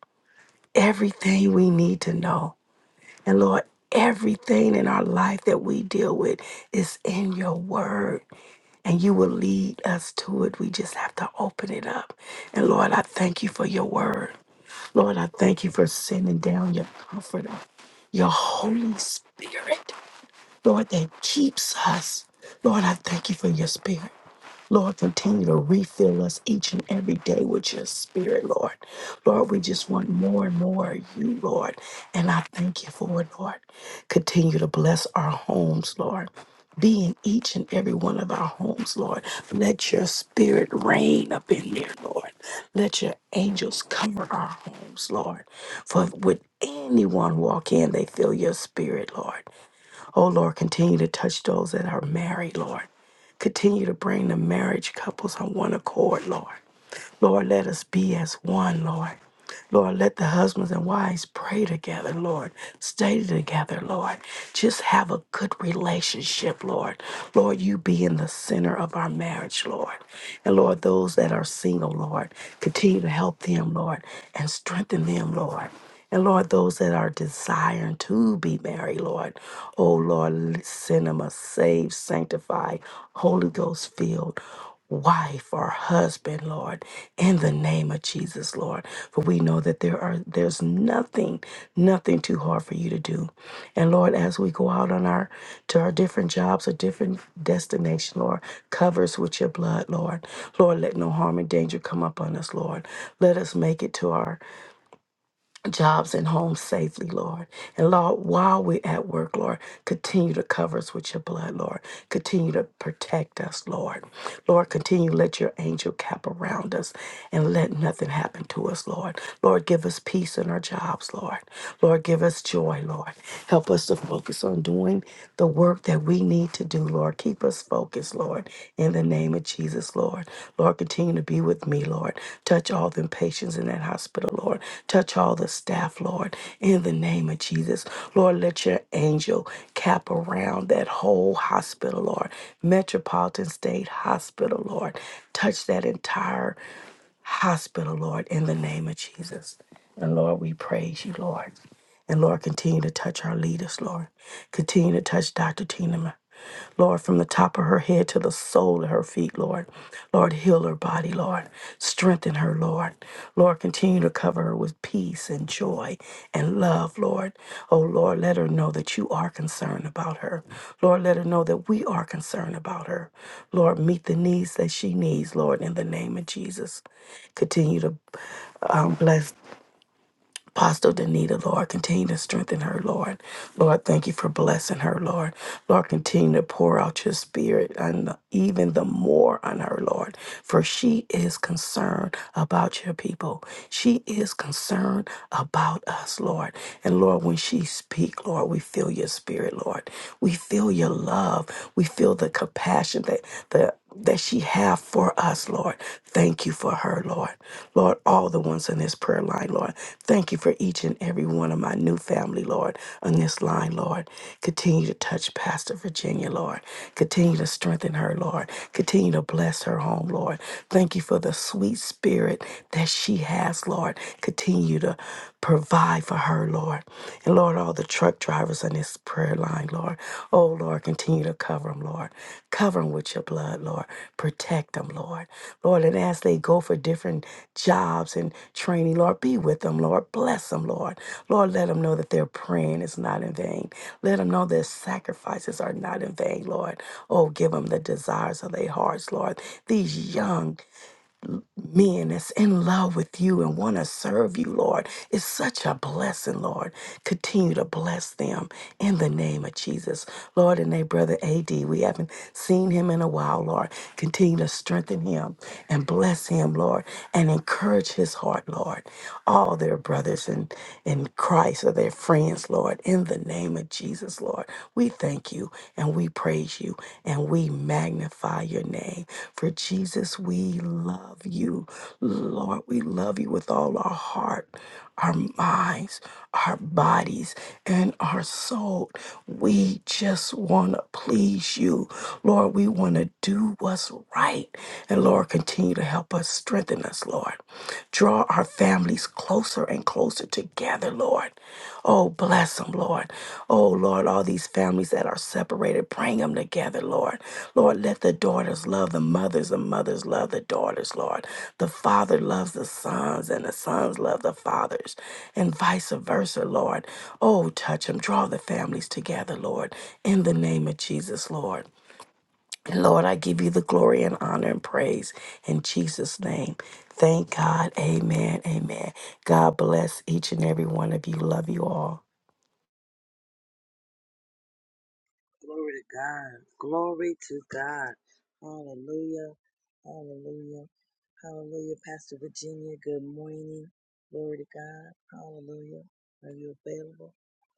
everything we need to know. And Lord, everything in our life that we deal with is in your word. And you will lead us to it. We just have to open it up. And Lord, I thank you for your word. Lord, I thank you for sending down your comforter, your Holy Spirit, Lord, that keeps us. Lord, I thank you for your spirit. Lord, continue to refill us each and every day with your spirit, Lord. Lord, we just want more and more of you, Lord. And I thank you for it, Lord. Continue to bless our homes, Lord. Be in each and every one of our homes, Lord. Let your spirit reign up in there, Lord. Let your angels cover our homes, Lord. For would anyone walk in, they feel your spirit, Lord. Oh Lord, continue to touch those that are married, Lord. Continue to bring the marriage couples on one accord, Lord. Lord, let us be as one, Lord. Lord, let the husbands and wives pray together, Lord. Stay together, Lord. Just have a good relationship, Lord. Lord, you be in the center of our marriage, Lord. And Lord, those that are single, Lord, continue to help them, Lord, and strengthen them, Lord. And Lord, those that are desiring to be married, Lord, oh Lord, send them a saved, sanctified, Holy Ghost filled wife or husband, Lord, in the name of Jesus, Lord. For we know that there are there's nothing, nothing too hard for you to do. And Lord, as we go out on our to our different jobs or different destination, Lord, cover us with your blood, Lord. Lord, let no harm and danger come upon us, Lord. Let us make it to our jobs and homes safely, Lord. And Lord, while we're at work, Lord, continue to cover us with your blood, Lord. Continue to protect us, Lord. Lord, continue to let your angel cap around us and let nothing happen to us, Lord. Lord, give us peace in our jobs, Lord. Lord, give us joy, Lord. Help us to focus on doing the work that we need to do, Lord. Keep us focused, Lord, in the name of Jesus, Lord. Lord. Lord, continue to be with me, Lord. Touch all the patients in that hospital, Lord. Touch all the staff, Lord. In the name of Jesus, Lord, let your angel cap around that whole hospital, Lord. Metropolitan State Hospital, Lord. Touch that entire hospital, Lord, in the name of Jesus. And Lord, we praise you, Lord. And Lord, continue to touch our leaders, Lord. Continue to touch Dr. Tina, Ma- Lord, from the top of her head to the sole of her feet, Lord. Lord, heal her body, Lord. Strengthen her, Lord. Lord, continue to cover her with peace and joy and love, Lord. Oh, Lord, let her know that you are concerned about her. Lord, let her know that we are concerned about her. Lord, meet the needs that she needs, Lord, in the name of Jesus. Continue to um, bless Apostle Danita, Lord, continue to strengthen her, Lord. Lord, thank you for blessing her, Lord. Lord, continue to pour out your spirit and the- even the more on her, Lord, for she is concerned about your people. She is concerned about us, Lord. And Lord, when she speaks, Lord, we feel your spirit, Lord. We feel your love. We feel the compassion that the that she have for us, Lord. Thank you for her, Lord. Lord, all the ones on this prayer line, Lord. Thank you for each and every one of my new family, Lord, on this line, Lord. Continue to touch Pastor Virginia, Lord. Continue to strengthen her, Lord. Continue to bless her home, Lord. Thank you for the sweet spirit that she has, Lord. Continue to Provide for her, Lord. And Lord, all the truck drivers on this prayer line, Lord. Oh, Lord, continue to cover them, Lord. Cover them with your blood, Lord. Protect them, Lord. Lord, and as they go for different jobs and training, Lord, be with them, Lord. Bless them, Lord. Lord, let them know that their praying is not in vain. Let them know their sacrifices are not in vain, Lord. Oh, give them the desires of their hearts, Lord. These young men that's in love with you and want to serve you, Lord. It's such a blessing, Lord. Continue to bless them in the name of Jesus. Lord, and they, brother AD, we haven't seen him in a while, Lord. Continue to strengthen him and bless him, Lord, and encourage his heart, Lord. All their brothers in, in Christ are their friends, Lord, in the name of Jesus, Lord. We thank thank you and we praise you and we magnify your name. For Jesus, we love you. Lord, we love you with all our heart, our minds, our bodies, and our soul. We just want to please you. Lord, we want to do what's right. And Lord, continue to help us, strengthen us, Lord. Draw draw our families closer and closer together, Lord. Oh, bless them, Lord. Oh, Lord, all these families that are separated, bring them together, Lord. Lord, let the daughters love the mothers, the mothers love the daughters, Lord. The father loves the sons, and the sons love the fathers, and vice versa, Lord. Oh, touch them, draw the families together, Lord, in the name of Jesus, Lord. Lord, I give you the glory and honor and praise in Jesus' name. Thank God. Amen. Amen. God bless each and every one of you. Love you all. Glory to God. Glory to God. Hallelujah. Hallelujah. Hallelujah. Pastor Virginia, good morning. Glory to God. Hallelujah. Are you available?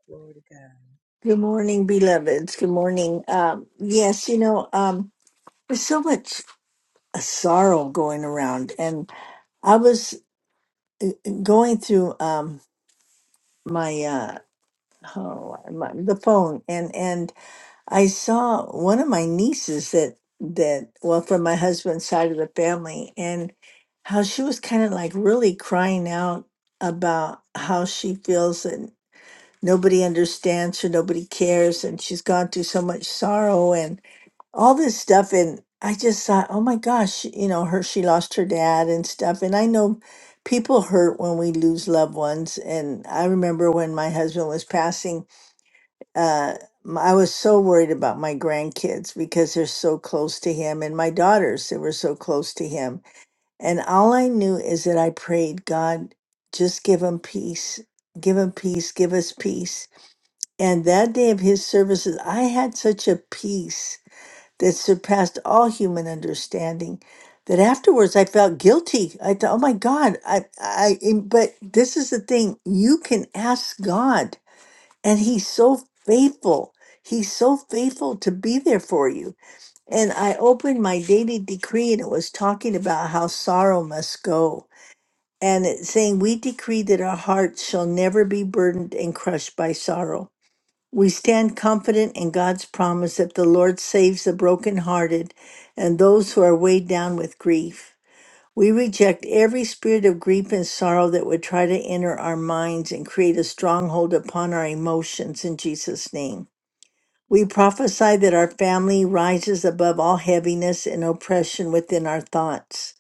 Glory to God. Good morning, beloveds. Good morning. Um, yes, you know, um, there's so much uh, sorrow going around, and I was uh, going through um, my uh, oh, my, the phone, and and I saw one of my nieces that that well from my husband's side of the family, and how she was kind of like really crying out about how she feels and nobody understands her, nobody cares, and she's gone through so much sorrow, all this stuff and i just thought oh my gosh you know her she lost her dad and stuff and i know people hurt when we lose loved ones and i remember when my husband was passing uh m- i was so worried about my grandkids because they're so close to him and my daughters they were so close to him and all i knew is that i prayed god just give him peace give him peace give us peace and that day of his services i had such a peace that surpassed all human understanding that afterwards I felt guilty. I thought, oh my God, I, I, and- but this is the thing you can ask God, and He's so faithful. He's so faithful to be there for you. And I opened my daily decree, and it was talking about how sorrow must go. And it's saying, We decree that our hearts shall never be burdened and crushed by sorrow we stand confident in God's promise that the Lord saves the brokenhearted and those who are weighed down with grief. We reject every spirit of grief and sorrow that would try to enter our minds and create a stronghold upon our emotions in Jesus' name. We prophesy that our family rises above all heaviness and oppression within our thoughts.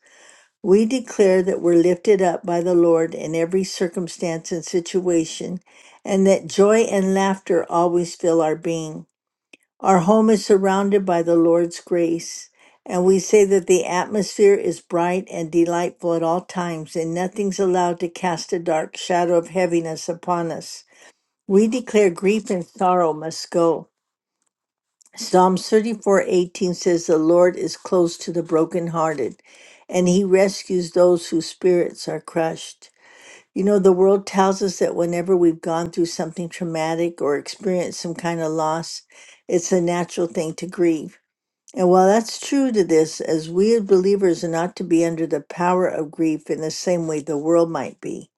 We declare that we're lifted up by the Lord in every circumstance and situation, and that joy and laughter always fill our being. Our home is surrounded by the Lord's grace, and we say that the atmosphere is bright and delightful at all times, and nothing's allowed to cast a dark shadow of heaviness upon us. We declare grief and sorrow must go. Psalms 34 18 says, The Lord is close to the brokenhearted, and he rescues those whose spirits are crushed. You know, the world tells us that whenever we've gone through something traumatic or experienced some kind of loss, it's a natural thing to grieve. And while that's true to this, as we as believers are not to be under the power of grief in the same way the world might be,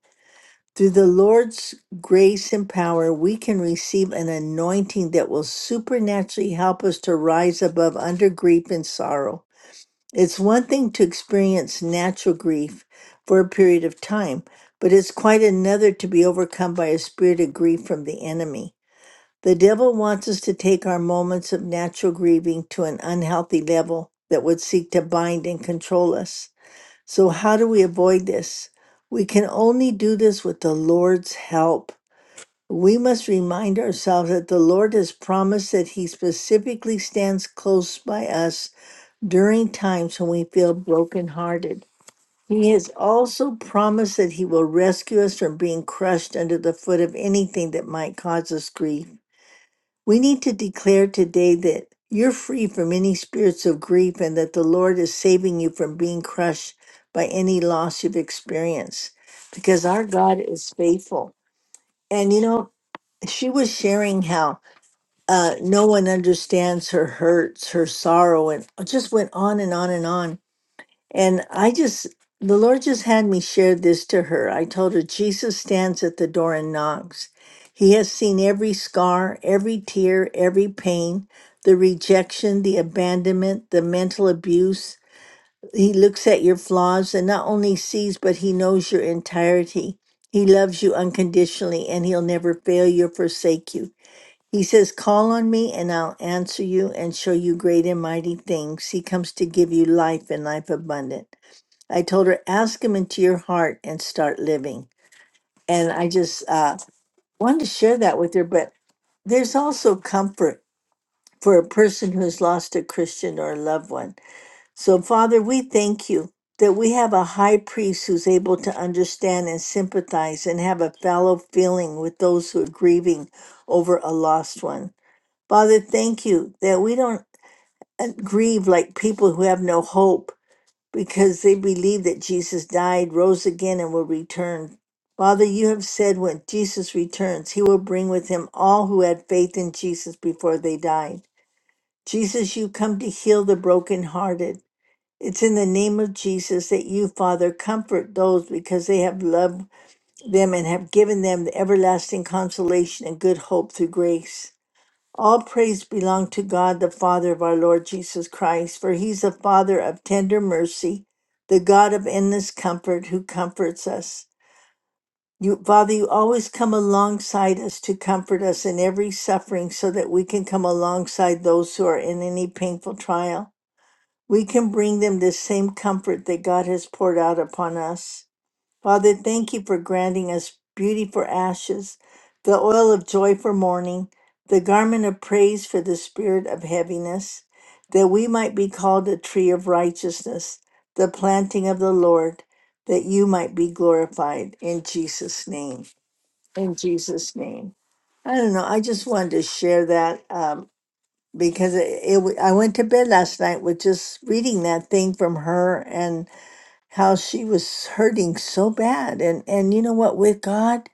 through the Lord's grace and power, we can receive an anointing that will supernaturally help us to rise above under grief and sorrow. It's one thing to experience natural grief for a period of time, but it's quite another to be overcome by a spirit of grief from the enemy. The devil wants us to take our moments of natural grieving to an unhealthy level that would seek to bind and control us. So, how do we avoid this? We can only do this with the Lord's help. We must remind ourselves that the Lord has promised that He specifically stands close by us during times when we feel brokenhearted. He has also promised that He will rescue us from being crushed under the foot of anything that might cause us grief. We need to declare today that you're free from any spirits of grief and that the Lord is saving you from being crushed by any loss you've experienced because our God is faithful. And you know, she was sharing how uh, no one understands her hurts, her sorrow, and just went on and on and on. And I just, the Lord just had me share this to her. I told her, Jesus stands at the door and knocks. He has seen every scar, every tear, every pain, the rejection, the abandonment, the mental abuse. He looks at your flaws and not only sees, but he knows your entirety. He loves you unconditionally and he'll never fail you or forsake you. He says, Call on me and I'll answer you and show you great and mighty things. He comes to give you life and life abundant. I told her, ask him into your heart and start living. And I just uh, wanted to share that with her. But there's also comfort for a person who has lost a Christian or a loved one. So, Father, we thank you that we have a high priest who's able to understand and sympathize and have a fellow feeling with those who are grieving over a lost one. Father, thank you that we don't uh, grieve like people who have no hope because they believe that Jesus died, rose again, and will return. Father, you have said when Jesus returns, he will bring with him all who had faith in Jesus before they died. Jesus, you come to heal the brokenhearted. It's in the name of Jesus that you, Father, comfort those because they have loved them and have given them the everlasting consolation and good hope through grace. All praise belong to God, the Father of our Lord Jesus Christ, for he's the Father of tender mercy, the God of endless comfort who comforts us. You, Father, you always come alongside us to comfort us in every suffering so that we can come alongside those who are in any painful trial. We can bring them the same comfort that God has poured out upon us. Father, thank you for granting us beauty for ashes, the oil of joy for mourning, the garment of praise for the spirit of heaviness, that we might be called a tree of righteousness, the planting of the Lord, that you might be glorified in Jesus' name. In Jesus' name. I don't know. I just wanted to share that um, because it, it, w- I went to bed last night with just reading that thing from her how she was hurting so bad and and you know what with God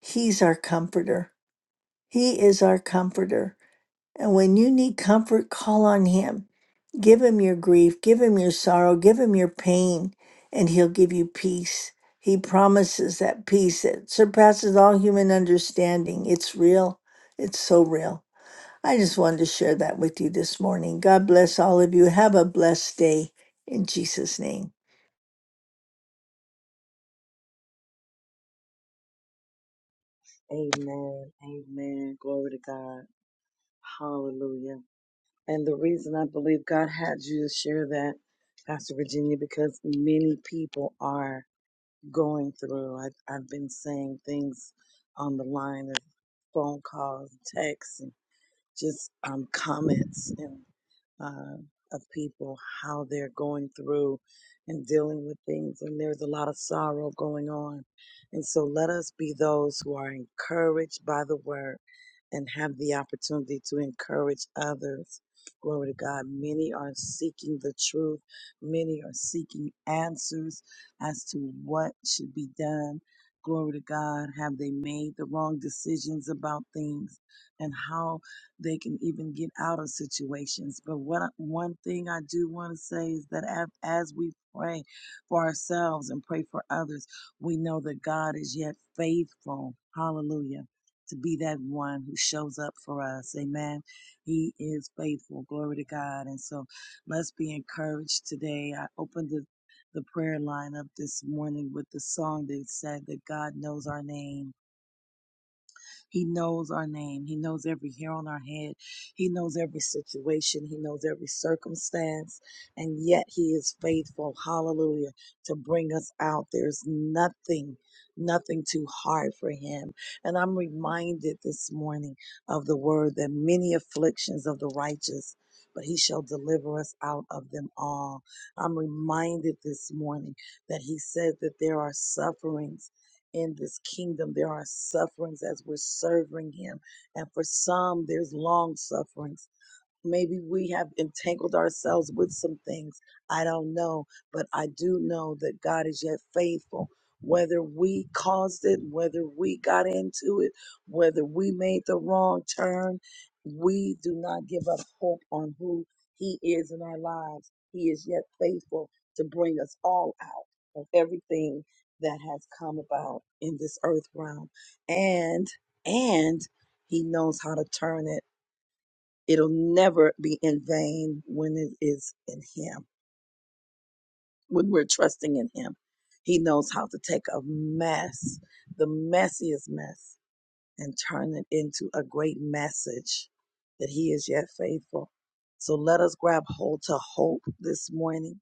he's our comforter he is our comforter and when you need comfort call on him give him your grief give him your sorrow give him your pain and he'll give you peace he promises that peace that surpasses all human understanding it's real it's so real i just wanted to share that with you this morning god bless all of you have a blessed day in jesus name Amen. Amen. Glory to God. Hallelujah. And the reason I believe God had you to share that, Pastor Virginia, because many people are going through. I, I've been saying things on the line of phone calls, texts, just um, comments and uh, of people how they're going through and dealing with things, and there's a lot of sorrow going on. And so let us be those who are encouraged by the word and have the opportunity to encourage others. Glory to God. Many are seeking the truth. Many are seeking answers as to what should be done. Glory to God. Have they made the wrong decisions about things? And how they can even get out of situations. But what I- one thing I do want to say is that af- as we pray for ourselves and pray for others, we know that God is yet faithful. Hallelujah. To be that one who shows up for us. Amen. He is faithful. Glory to God. And so let's be encouraged today. I opened the the prayer line up this morning with the song that said that God knows our name he knows our name. He knows every hair on our head. He knows every situation. He knows every circumstance. And yet He is faithful. Hallelujah. To bring us out. There's nothing, nothing too hard for Him. And I'm reminded this morning of the word that many afflictions of the righteous, but He shall deliver us out of them all. I'm reminded this morning that He said that there are sufferings in this kingdom. There are sufferings as we're serving Him. And for some, there's long sufferings. Maybe we have entangled ourselves with some things. I don't know. But I do know that God is yet faithful. Whether we caused it, whether we got into it, whether we made the wrong turn, we do not give up hope on who He is in our lives. He is yet faithful to bring us all out of everything that has come about in this earth realm. And, and, he knows how to turn it It'll never be in vain when it is in Him, when we're trusting in Him. He knows how to take a mess, the messiest mess, and turn it into a great message that He is yet faithful. So let us grab hold to hope this morning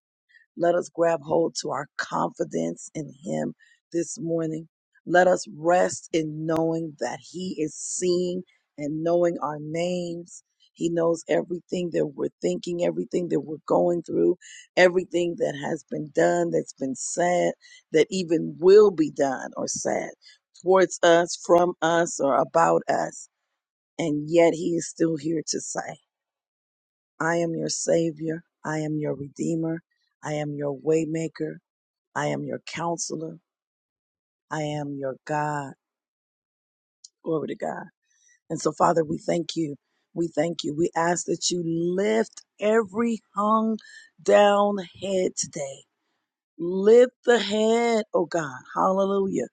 let us grab hold to our confidence in Him this morning. Let us rest in knowing that He is seeing and knowing our names. He knows everything that we're thinking, everything that we're going through, everything that has been done, that's been said, that even will be done or said towards us, from us, or about us. And yet He is still here to say, I am your Savior. I am your Redeemer. I am your Waymaker. I am your counselor. I am your God. Glory to God. And so, Father, we thank you. We thank you. We ask that you lift every hung down head today. Lift the head, oh God. Hallelujah.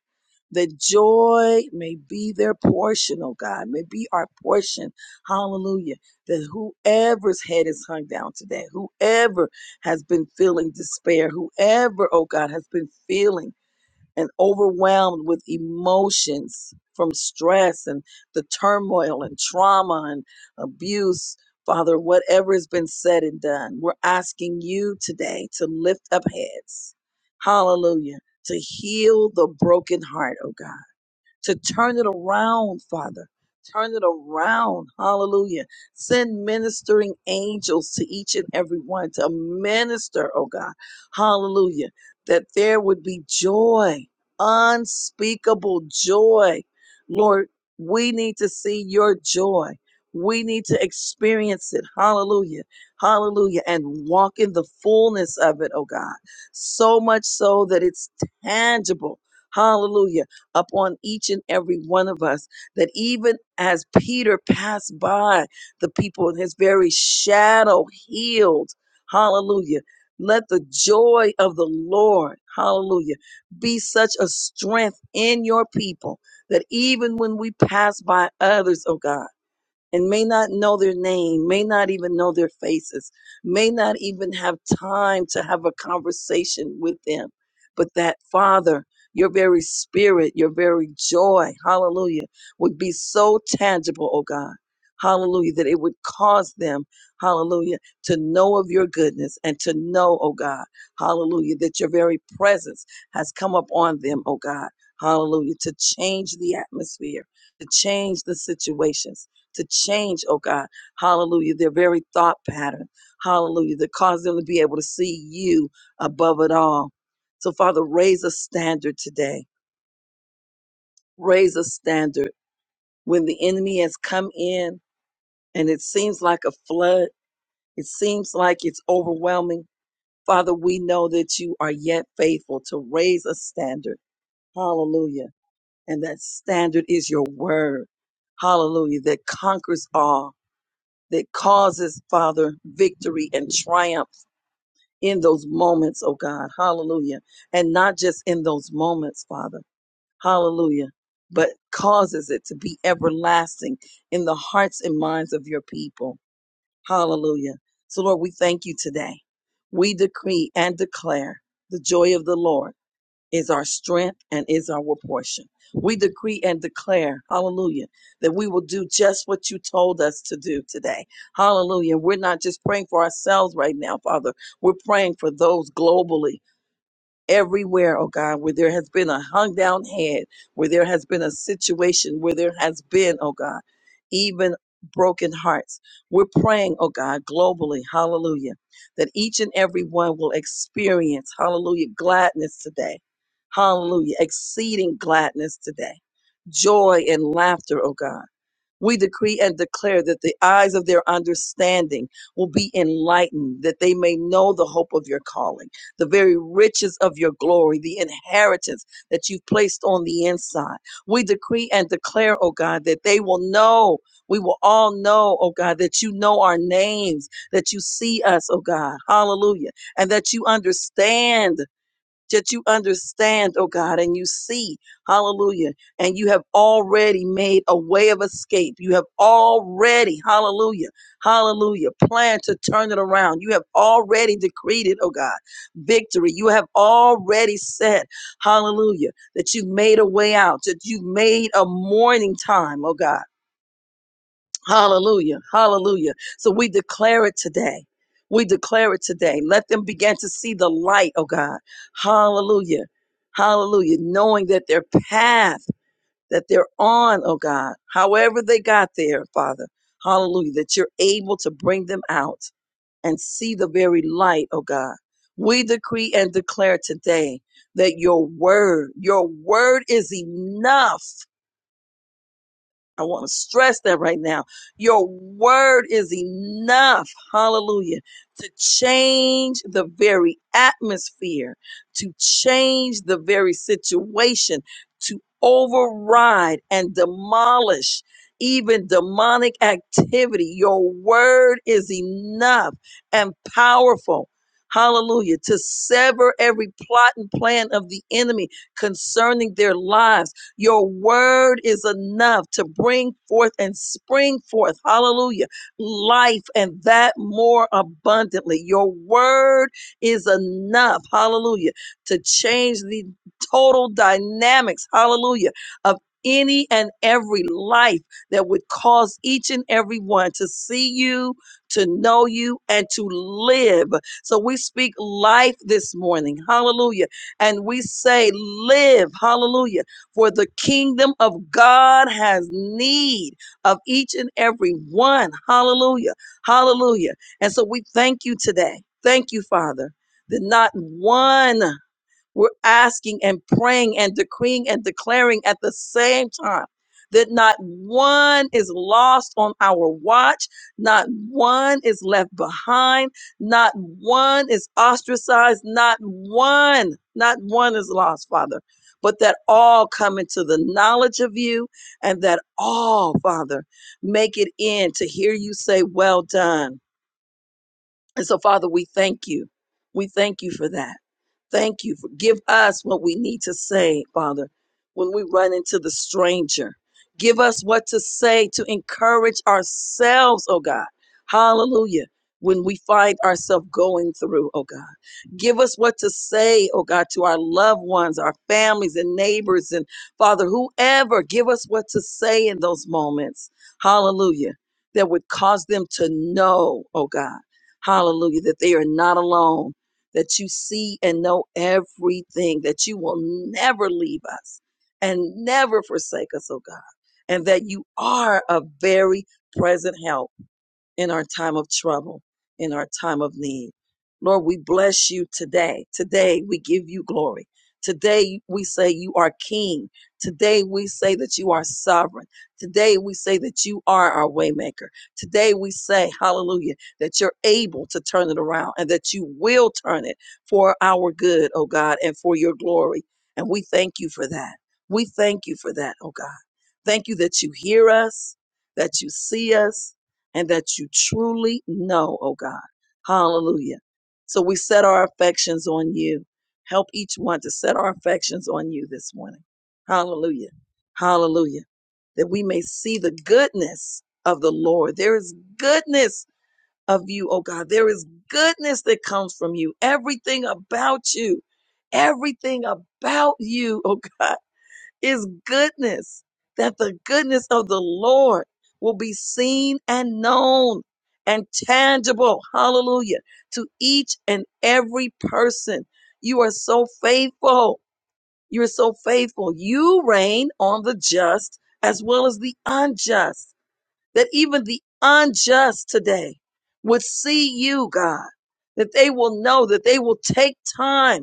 That joy may be their portion, oh God, may be our portion. Hallelujah. That whoever's head is hung down today, whoever has been feeling despair, whoever, oh God, has been feeling and overwhelmed with emotions from stress and the turmoil and trauma and abuse. Father, whatever has been said and done, we're asking you today to lift up heads. Hallelujah. To heal the broken heart, oh God to turn it around, Father. Turn it around. Hallelujah. Send ministering angels to each and every one to minister, oh God. Hallelujah. That there would be joy, unspeakable joy. Lord, we need to see your joy. We need to experience it. Hallelujah. Hallelujah. And walk in the fullness of it, oh God. So much so that it's tangible. Hallelujah upon each and every one of us. That even as Peter passed by the people in his very shadow healed, hallelujah. Let the joy of the Lord, hallelujah, be such a strength in your people that even when we pass by others, oh God, and may not know their name, may not even know their faces, may not even have time to have a conversation with them. But that Father, your very spirit, your very joy, hallelujah, would be so tangible, oh God. Hallelujah, that it would cause them, hallelujah, to know of your goodness and to know, oh God, hallelujah, that your very presence has come upon them, oh God, hallelujah, to change the atmosphere, to change the situations to change, oh God, hallelujah, their very thought pattern, hallelujah, that cause them to be able to see you above it all. So, Father, raise a standard today. Raise a standard. When the enemy has come in and it seems like a flood, it seems like it's overwhelming. Father, we know that you are yet faithful to raise a standard. Hallelujah. And that standard is your word. Hallelujah. That conquers all. that causes, Father, victory and triumph in those moments, oh God. Hallelujah. And not just in those moments, Father. Hallelujah. But causes it to be everlasting in the hearts and minds of your people. Hallelujah. So, Lord, we thank you today. We decree and declare the joy of the Lord is our strength and is our portion. We decree and declare, hallelujah, that we will do just what you told us to do today. Hallelujah. We're not just praying for ourselves right now, Father. We're praying for those globally everywhere, oh God, where there has been a hung down head, where there has been a situation, where there has been, oh God, even broken hearts. We're praying, oh God, globally, hallelujah, that each and every one will experience, hallelujah, gladness today. Hallelujah, exceeding gladness today. Joy and laughter, oh God we decree and declare that the eyes of their understanding will be enlightened, that they may know the hope of your calling, the very riches of your glory, the inheritance that you've placed on the inside. We decree and declare, oh God, that they will know. We will all know, oh God, that you know our names, that you see us, oh God. Hallelujah. And that you understand that you understand, oh God, and you see, hallelujah, and you have already made a way of escape. You have already, hallelujah, hallelujah, planned to turn it around. You have already decreed it, oh God, victory. You have already said, hallelujah, that you made a way out, that you made a morning time, oh God. Hallelujah. Hallelujah. So we declare it today. We declare it today. Let them begin to see the light, oh God. Hallelujah. Hallelujah. Knowing that their path that they're on, oh God, however they got there, Father, hallelujah, that you're able to bring them out and see the very light, oh God. We decree and declare today that your word, your word is enough I want to stress that right now. Your word is enough, hallelujah, to change the very atmosphere, to change the very situation, to override and demolish even demonic activity. Your word is enough and powerful. Hallelujah. To sever every plot and plan of the enemy concerning their lives your word is enough to bring forth and spring forth, hallelujah, life and that more abundantly. Your word is enough, hallelujah, to change the total dynamics, hallelujah, of any and every life that would cause each and every one to see you, to know you, and to live. So we speak life this morning, hallelujah, and we say, Live, hallelujah for the kingdom of God has need of each and every one. Hallelujah. Hallelujah. And so we thank you today. Thank you, Father, that not one we're asking and praying and decreeing and declaring at the same time that not one is lost on our watch, not one is left behind, not one is ostracized, not one, not one is lost, Father, but that all come into the knowledge of you and that all, Father, make it in to hear you say, Well done. And so, Father, we thank you. We thank you for that. Thank you. Give us what we need to say, Father, when we run into the stranger. Give us what to say to encourage ourselves, oh God. Hallelujah. When we find ourselves going through, oh God. Give us what to say, oh God, to our loved ones, our families and neighbors and Father, whoever. Give us what to say in those moments. Hallelujah. That would cause them to know, oh God. Hallelujah. That they are not alone that you see and know everything, that you will never leave us and never forsake us, oh God, and that you are a very present help in our time of trouble, in our time of need. Lord, we bless you today. Today we give you glory. Today we say you are king. Today we say that you are sovereign. Today we say that you are our waymaker. Today we say, hallelujah, that you're able to turn it around and that you will turn it for our good, oh God, and for your glory. And we thank you for that. We thank you for that, oh God. Thank you that you hear us, that you see us, and that you truly know, oh God. Hallelujah. So we set our affections on you. Help each one to set our affections on you this morning. Hallelujah. Hallelujah. That we may see the goodness of the Lord. There is goodness of you, oh God. There is goodness that comes from you. Everything about you. Everything about you, oh God is goodness, that the goodness of the Lord will be seen and known and tangible. Hallelujah. To each and every person. You are so faithful. You're so faithful. You reign on the just as well as the unjust, that even the unjust today would see you, God, that they will know, that they will take time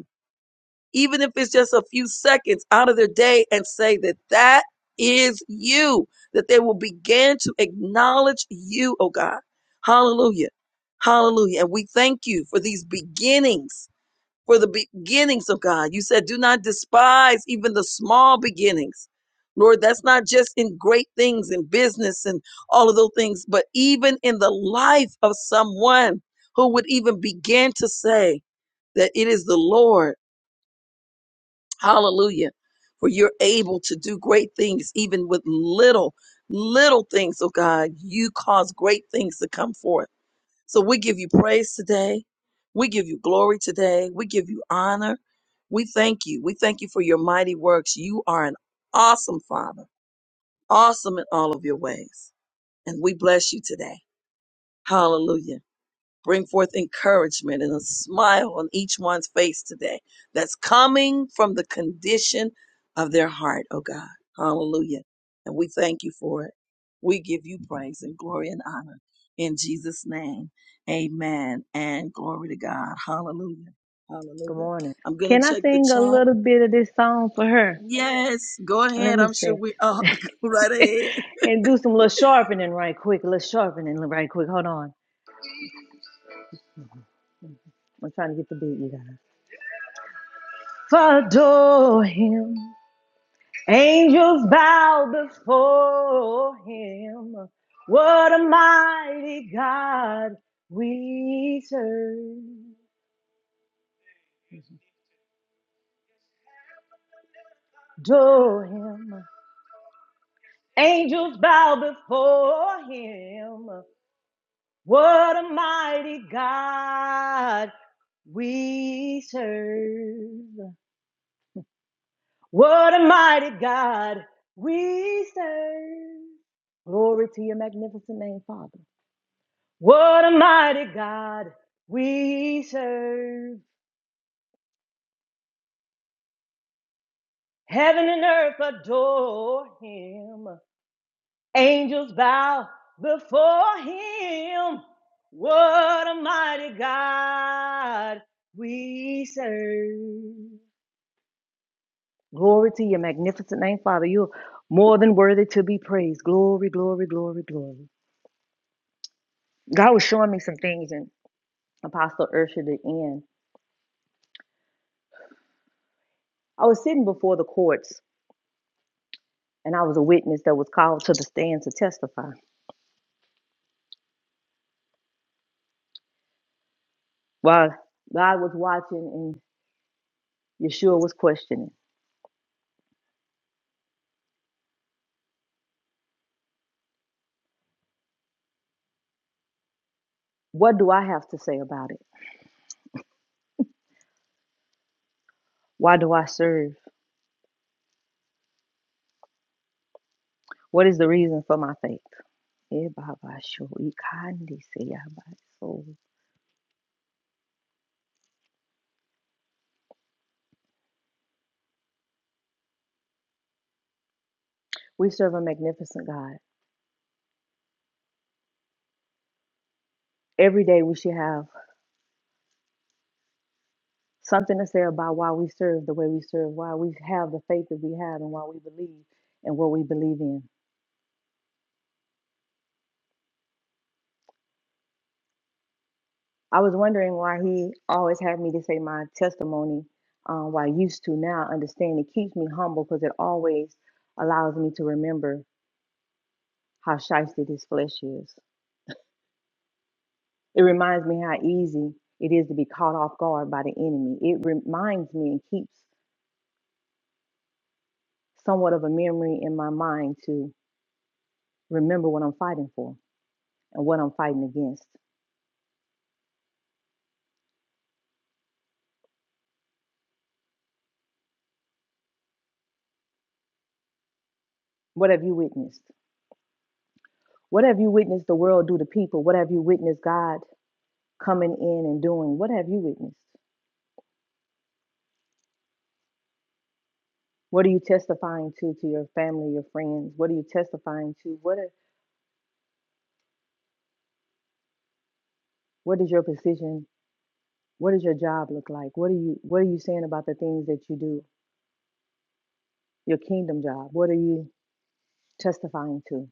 even if it's just a few seconds out of their day and say that that is you, that they will begin to acknowledge you, oh God. Hallelujah. Hallelujah. And we thank you for these beginnings, for the beginnings of God. You said, do not despise even the small beginnings. Lord, that's not just in great things in business and all of those things, but even in the life of someone who would even begin to say that it is the Lord Hallelujah. For you're able to do great things, even with little, little things, oh God. You cause great things to come forth. So we give you praise today. We give you glory today. We give you honor. We thank you. We thank you for your mighty works. You are an awesome Father, awesome in all of your ways. And we bless you today. Hallelujah. Bring forth encouragement and a smile on each one's face today that's coming from the condition of their heart, oh God. Hallelujah. And we thank you for it. We give you praise and glory and honor in Jesus' name. Amen. And glory to God. Hallelujah. Good Hallelujah. morning. I'm going to Can I check the sing a chat. little bit of this song for her? Yes, go Let ahead. me I'm sure sing we are. go right ahead. and do some little sharpening right quick. A little sharpening right quick. Hold on. I'm trying to get the beat, you guys. For adore him. Angels bow before him. What a mighty God we serve. Adore him. Angels bow before him. What a mighty God we serve. What a mighty God we serve. Glory to your magnificent name, Father. What a mighty God we serve. Heaven and earth adore him. Angels bow before him. What a mighty God we serve. Glory to your magnificent name, Father. You're more than worthy to be praised. Glory, glory, glory, glory. God was showing me some things in Apostle Ursula the end. I was sitting before the courts and I was a witness that was called to the stand to testify. While God was watching and Yeshua was questioning, what do I have to say about it? Why do I serve? What is the reason for my faith? Eh, so. We serve a magnificent God. Every day we should have something to say about why we serve the way we serve, why we have the faith that we have, and why we believe in what we believe in. I was wondering why he always had me to say my testimony, um, why I used to now understand it keeps me humble because it always allows me to remember how shifty this flesh is. It reminds me how easy it is to be caught off guard by the enemy. It reminds me and keeps somewhat of a memory in my mind to remember what I'm fighting for and what I'm fighting against. What have you witnessed? What have you witnessed the world do to people? What have you witnessed God coming in and doing? What have you witnessed? What are you testifying to to your family, your friends? What are you testifying to? What are, what is your position? What does your job look like? What are you what are you saying about the things that you do? Your kingdom job. What are you testifying to.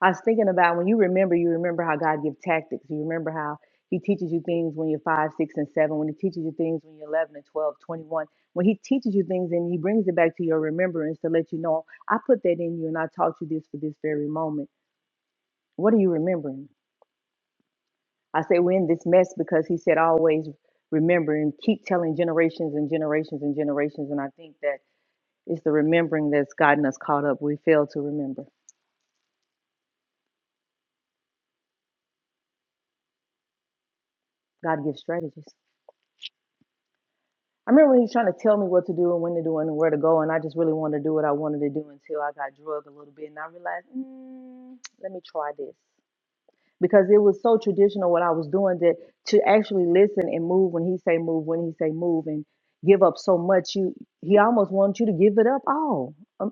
I was thinking about when you remember, you remember how God gives tactics. You remember how He teaches you things when you're five, six, and seven, when He teaches you things when you're 11 and 12, 21. When He teaches you things and He brings it back to your remembrance to let you know, I put that in you and I taught you this for this very moment. What are you remembering? I say we're in this mess because He said, always remember and keep telling generations and generations and generations. And I think that it's the remembering that's gotten us caught up. We fail to remember. God gives strategies. I remember when he was trying to tell me what to do and when to do and where to go, and I just really wanted to do what I wanted to do until I got drugged a little bit, and I realized, mm, let me try this because it was so traditional what I was doing that to actually listen and move when he say move, when he say move, and give up so much, you he almost wants you to give it up all. Um,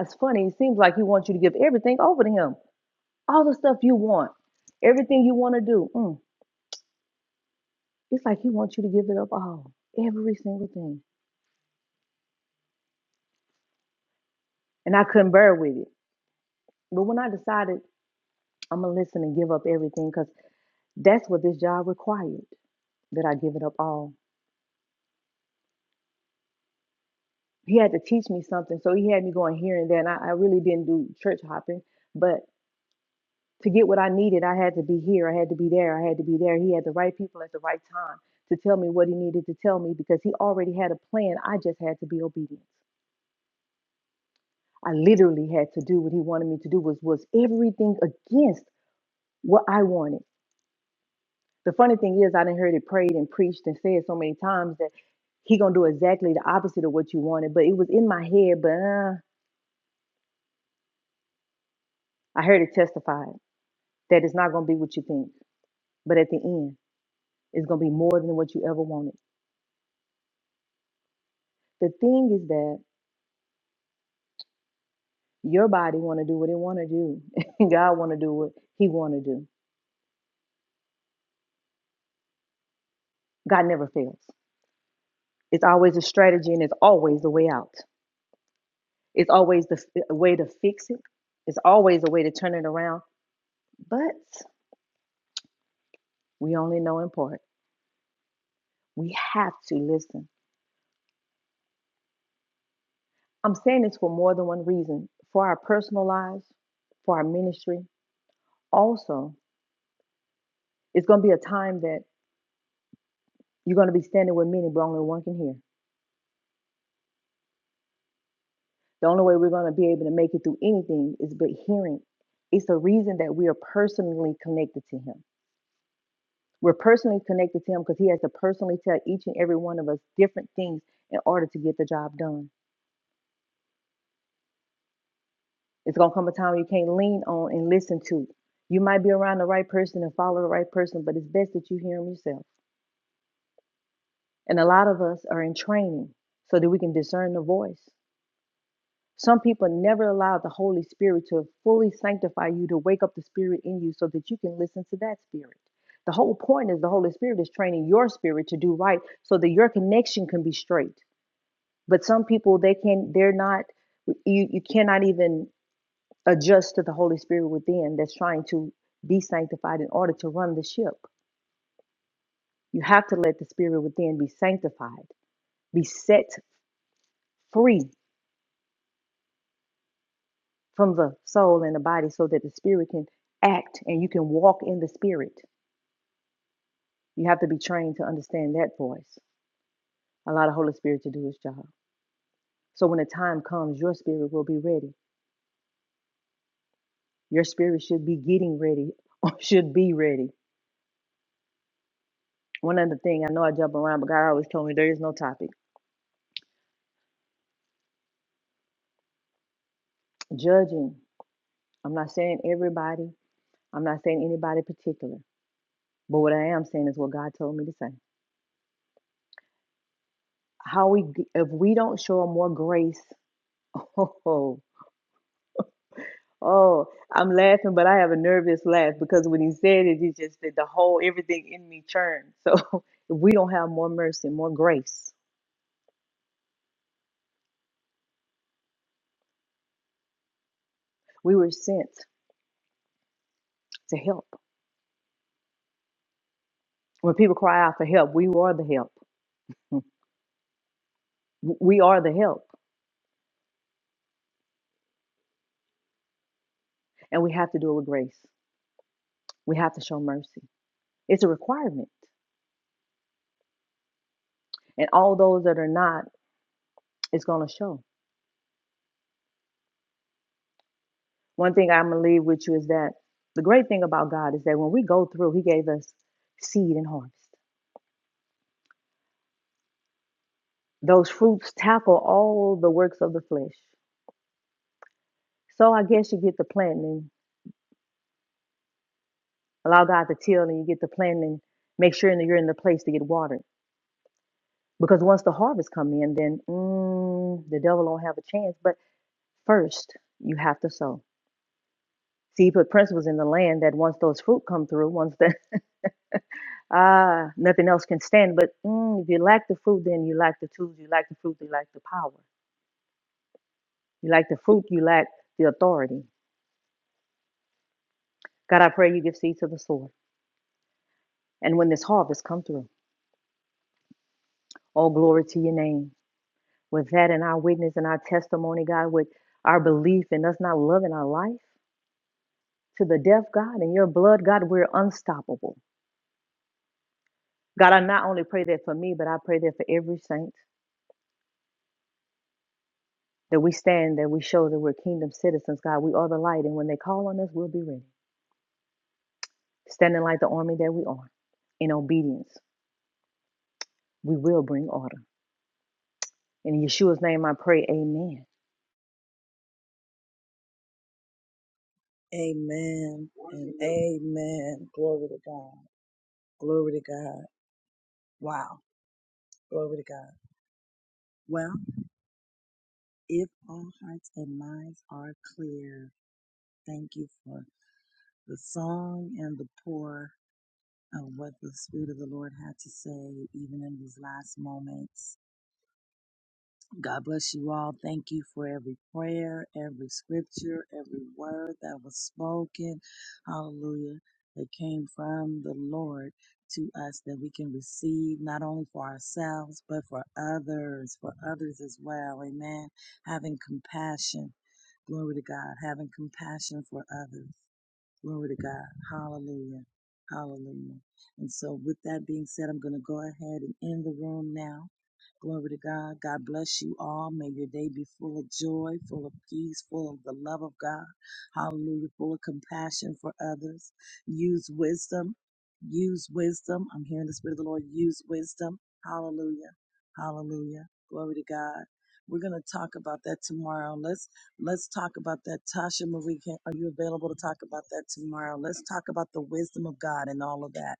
it's funny. It seems like he wants you to give everything over to him, all the stuff you want, everything you want to do. Mm, it's like he wants you to give it up all, every single thing, and I couldn't bear with it. But when I decided I'm gonna listen and give up everything, because that's what this job required, that I give it up all. He had to teach me something, so he had me going here and there, and I, I really didn't do church hopping, but to get what I needed, I had to be here, I had to be there, I had to be there. He had the right people at the right time to tell me what he needed to tell me because he already had a plan. I just had to be obedient. I literally had to do what he wanted me to do, was was everything against what I wanted The funny thing is, I didn't heard it prayed and preached and said so many times that he gonna do exactly the opposite of what you wanted. But it was in my head. But uh, I heard it testified that it's not gonna be what you think. But at the end, it's gonna be more than what you ever wanted. The thing is that your body want to do what it want to do, and God want to do what He want to do. God never fails. It's always a strategy, and it's always a way out. It's always the f- a way to fix it. It's always a way to turn it around. But we only know in part. We have to listen. I'm saying this for more than one reason for our personal lives, for our ministry. Also, it's going to be a time that you're going to be standing with many, but only one can hear. The only way we're going to be able to make it through anything is by hearing. It's the reason that we are personally connected to Him. We're personally connected to Him because He has to personally tell each and every one of us different things in order to get the job done. It's gonna come a time you can't lean on and listen to. You might be around the right person and follow the right person, but it's best that you hear them yourself. And a lot of us are in training so that we can discern the voice. Some people never allow the Holy Spirit to fully sanctify you, to wake up the spirit in you so that you can listen to that spirit. The whole point is the Holy Spirit is training your spirit to do right so that your connection can be straight. But some people they can they're not you you cannot even adjust to the Holy Spirit within that's trying to be sanctified in order to run the ship. You have to let the spirit within be sanctified, be set free from the soul and the body so that the spirit can act and you can walk in the spirit. You have to be trained to understand that voice. Allow the Holy Spirit to do his job. So when the time comes, your spirit will be ready. Your spirit should be getting ready or should be ready. One other thing, I know I jump around, but God always told me there is no topic. Judging. I'm not saying everybody. I'm not saying anybody particular, but what I am saying is what God told me to say. How we, if we don't show more grace, oh, oh, I'm laughing, but I have a nervous laugh because when he said it, he just said the whole everything in me churned. So if we don't have more mercy, more grace, we were sent to help. When people cry out for help, we are the help. We are the help, and we have to do it with grace. We have to show mercy. It's a requirement, and all those that are not, it's going to show. One thing I'm gonna leave with you is that the great thing about God is that when we go through, He gave us seed and harvest. Those fruits tackle all the works of the flesh. So I guess you get the planting, allow God to till, and you get the planting, make sure that you're in the place to get watered. Because once the harvest come in, then mm, the devil don't have a chance. But first, you have to sow. See, he put principles in the land that once those fruit come through, once the Ah, nothing else can stand. But mm, if you lack the fruit, then you lack the tools. You lack the fruit. You lack the power. You lack the fruit. You lack the authority. God, I pray you give seed to the sower. And when this harvest come through, all glory to your name. With that and our witness and our testimony, God, with our belief and us not loving our life to the death, God, in your blood, God, we're unstoppable. God, I not only pray that for me, but I pray that for every saint that we stand, that we show that we're kingdom citizens, God. We are the light. And when they call on us, we'll be ready. standing like the army that we are in obedience, we will bring order. In Yeshua's name I pray, amen. Amen and amen. Glory to God. Glory to God. Wow. Glory to God. Well, if all hearts and minds are clear, thank you for the song and the pour. of what the Spirit of the Lord had to say, even in these last moments. God bless you all. Thank you for every prayer, every scripture, every word that was spoken. Hallelujah. That came from the Lord to us that we can receive not only for ourselves, but for others, for others as well. Amen. Having compassion. Glory to God. Having compassion for others. Glory to God. Hallelujah. Hallelujah. And so, with that being said, I'm going to go ahead and end the room now. Glory to God. God bless you all. May your day be full of joy, full of peace, full of the love of God. Hallelujah. Full of compassion for others. Use wisdom. Use wisdom. I'm hearing the Spirit of the Lord. Use wisdom. Hallelujah. Hallelujah. Glory to God. We're going to talk about that tomorrow. Let's. Let's talk about that. Tasha Marie, can, are you available to talk about that tomorrow? Let's talk about the wisdom of God and all of that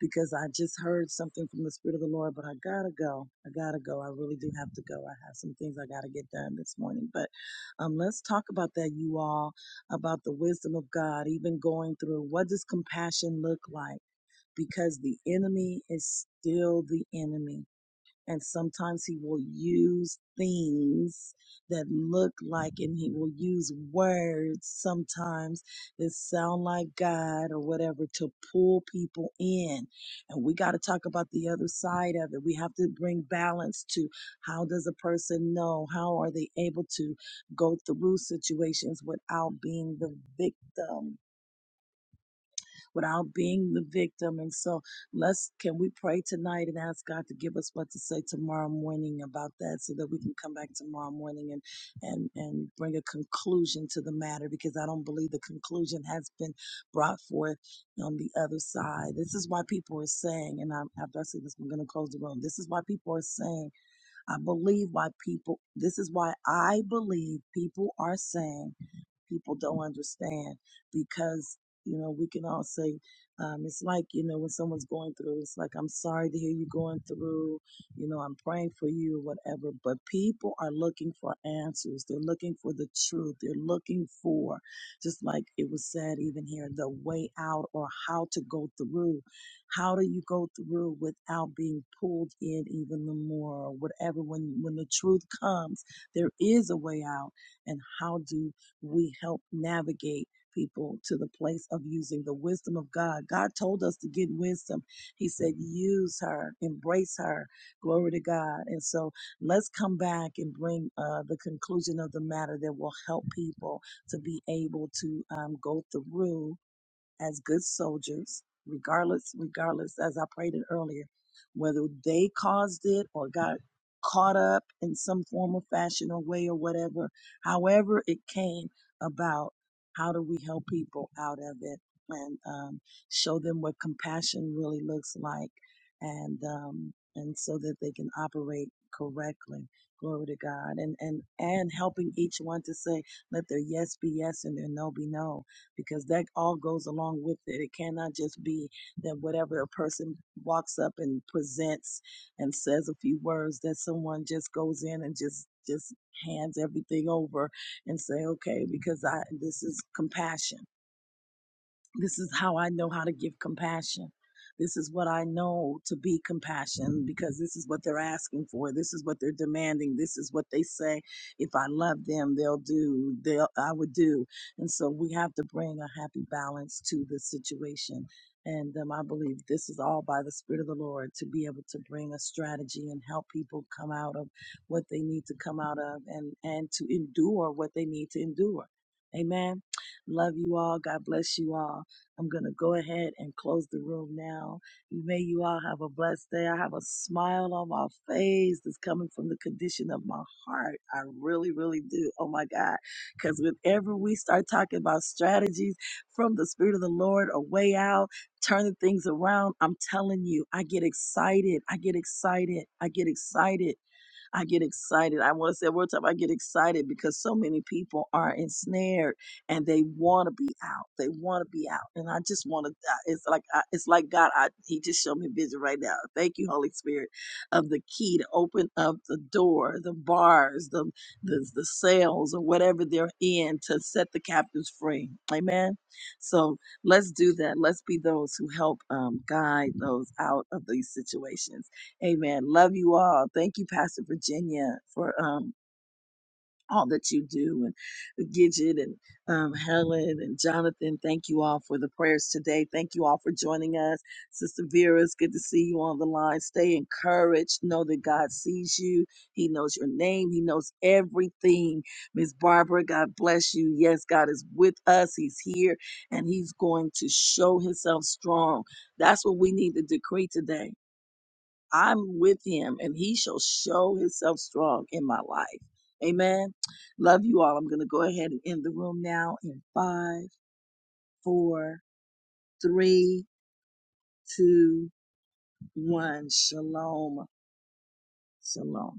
because I just heard something from the Spirit of the Lord, but I gotta go. I gotta go. I really do have to go. I have some things I gotta get done this morning. But um, let's talk about that, you all, about the wisdom of God, even going through what does compassion look like? Because the enemy is still the enemy and sometimes he will use things that look like, and he will use words sometimes that sound like God or whatever to pull people in. And we got to talk about the other side of it. We have to bring balance to how does a person know? How are they able to go through situations without being the victim? without being the victim. And so let's, can we pray tonight and ask God to give us what to say tomorrow morning about that so that we can come back tomorrow morning and, and, and bring a conclusion to the matter because I don't believe the conclusion has been brought forth on the other side. This is why people are saying, and I, after I say this, I'm going to close the room. This is why people are saying I believe why people, this is why I believe people are saying people don't understand because, you know, we can all say, um, it's like, you know, when someone's going through, it's like, I'm sorry to hear you going through, you know, I'm praying for you, whatever. But people are looking for answers. They're looking for the truth. They're looking for, just like it was said even here, the way out or how to go through how do you go through without being pulled in even the more or whatever? When, when the truth comes, there is a way out. And how do we help navigate people to the place of using the wisdom of God? God told us to get wisdom. He said, use her, embrace her. Glory to God. And so let's come back and bring uh, the conclusion of the matter that will help people to be able to um, go through as good soldiers, regardless, regardless, as I prayed it earlier, whether they caused it or got caught up in some form or fashion or way or whatever, however it came about, how do we help people out of it and um, show them what compassion really looks like and, um, and so that they can operate correctly. Glory to God and, and, and helping each one to say, let their yes be yes and their no be no because that all goes along with it. It cannot just be that whatever a person walks up and presents and says a few words that someone just goes in and just just hands everything over and say okay because I this is compassion this is how I know how to give compassion. This is what I know to be compassion because this is what they're asking for. This is what they're demanding. This is what they say. If I love them, they'll do. They'll, I would do. And so we have to bring a happy balance to the situation. And um, I believe this is all by the Spirit of the Lord to be able to bring a strategy and help people come out of what they need to come out of and, and to endure what they need to endure. Amen. Love you all. God bless you all. I'm going to go ahead and close the room now. May you all have a blessed day. I have a smile on my face that's coming from the condition of my heart. I really, really do. Oh my God. Because whenever we start talking about strategies from the Spirit of the Lord, a way out, turning things around, I'm telling you, I get excited. I get excited. I get excited I get excited. I want to say it one time, I get excited because so many people are ensnared and they want to be out. They want to be out, and I just want to. It's like I, it's like God. I, he just showed me a vision right now. Thank you, Holy Spirit, of the key to open up the door, the bars, the the, the sales or whatever they're in to set the captives free. Amen. So let's do that. Let's be those who help um, guide those out of these situations. Amen. Love you all. Thank you, Pastor Virginia, for um all that you do and uh, Gidget and um, Helen and Jonathan. Thank you all for the prayers today. Thank you all for joining us. Sister Vera, it's good to see you on the line. Stay encouraged. Know that God sees you. He knows your name. He knows everything. Miss Barbara, God bless you. Yes, God is with us. He's here and he's going to show himself strong. That's what we need to decree today I'm with him and he shall show himself strong in my life. Amen. Love you all. I'm going to go ahead and end the room now in five, four, three, two, one. Shalom. Shalom.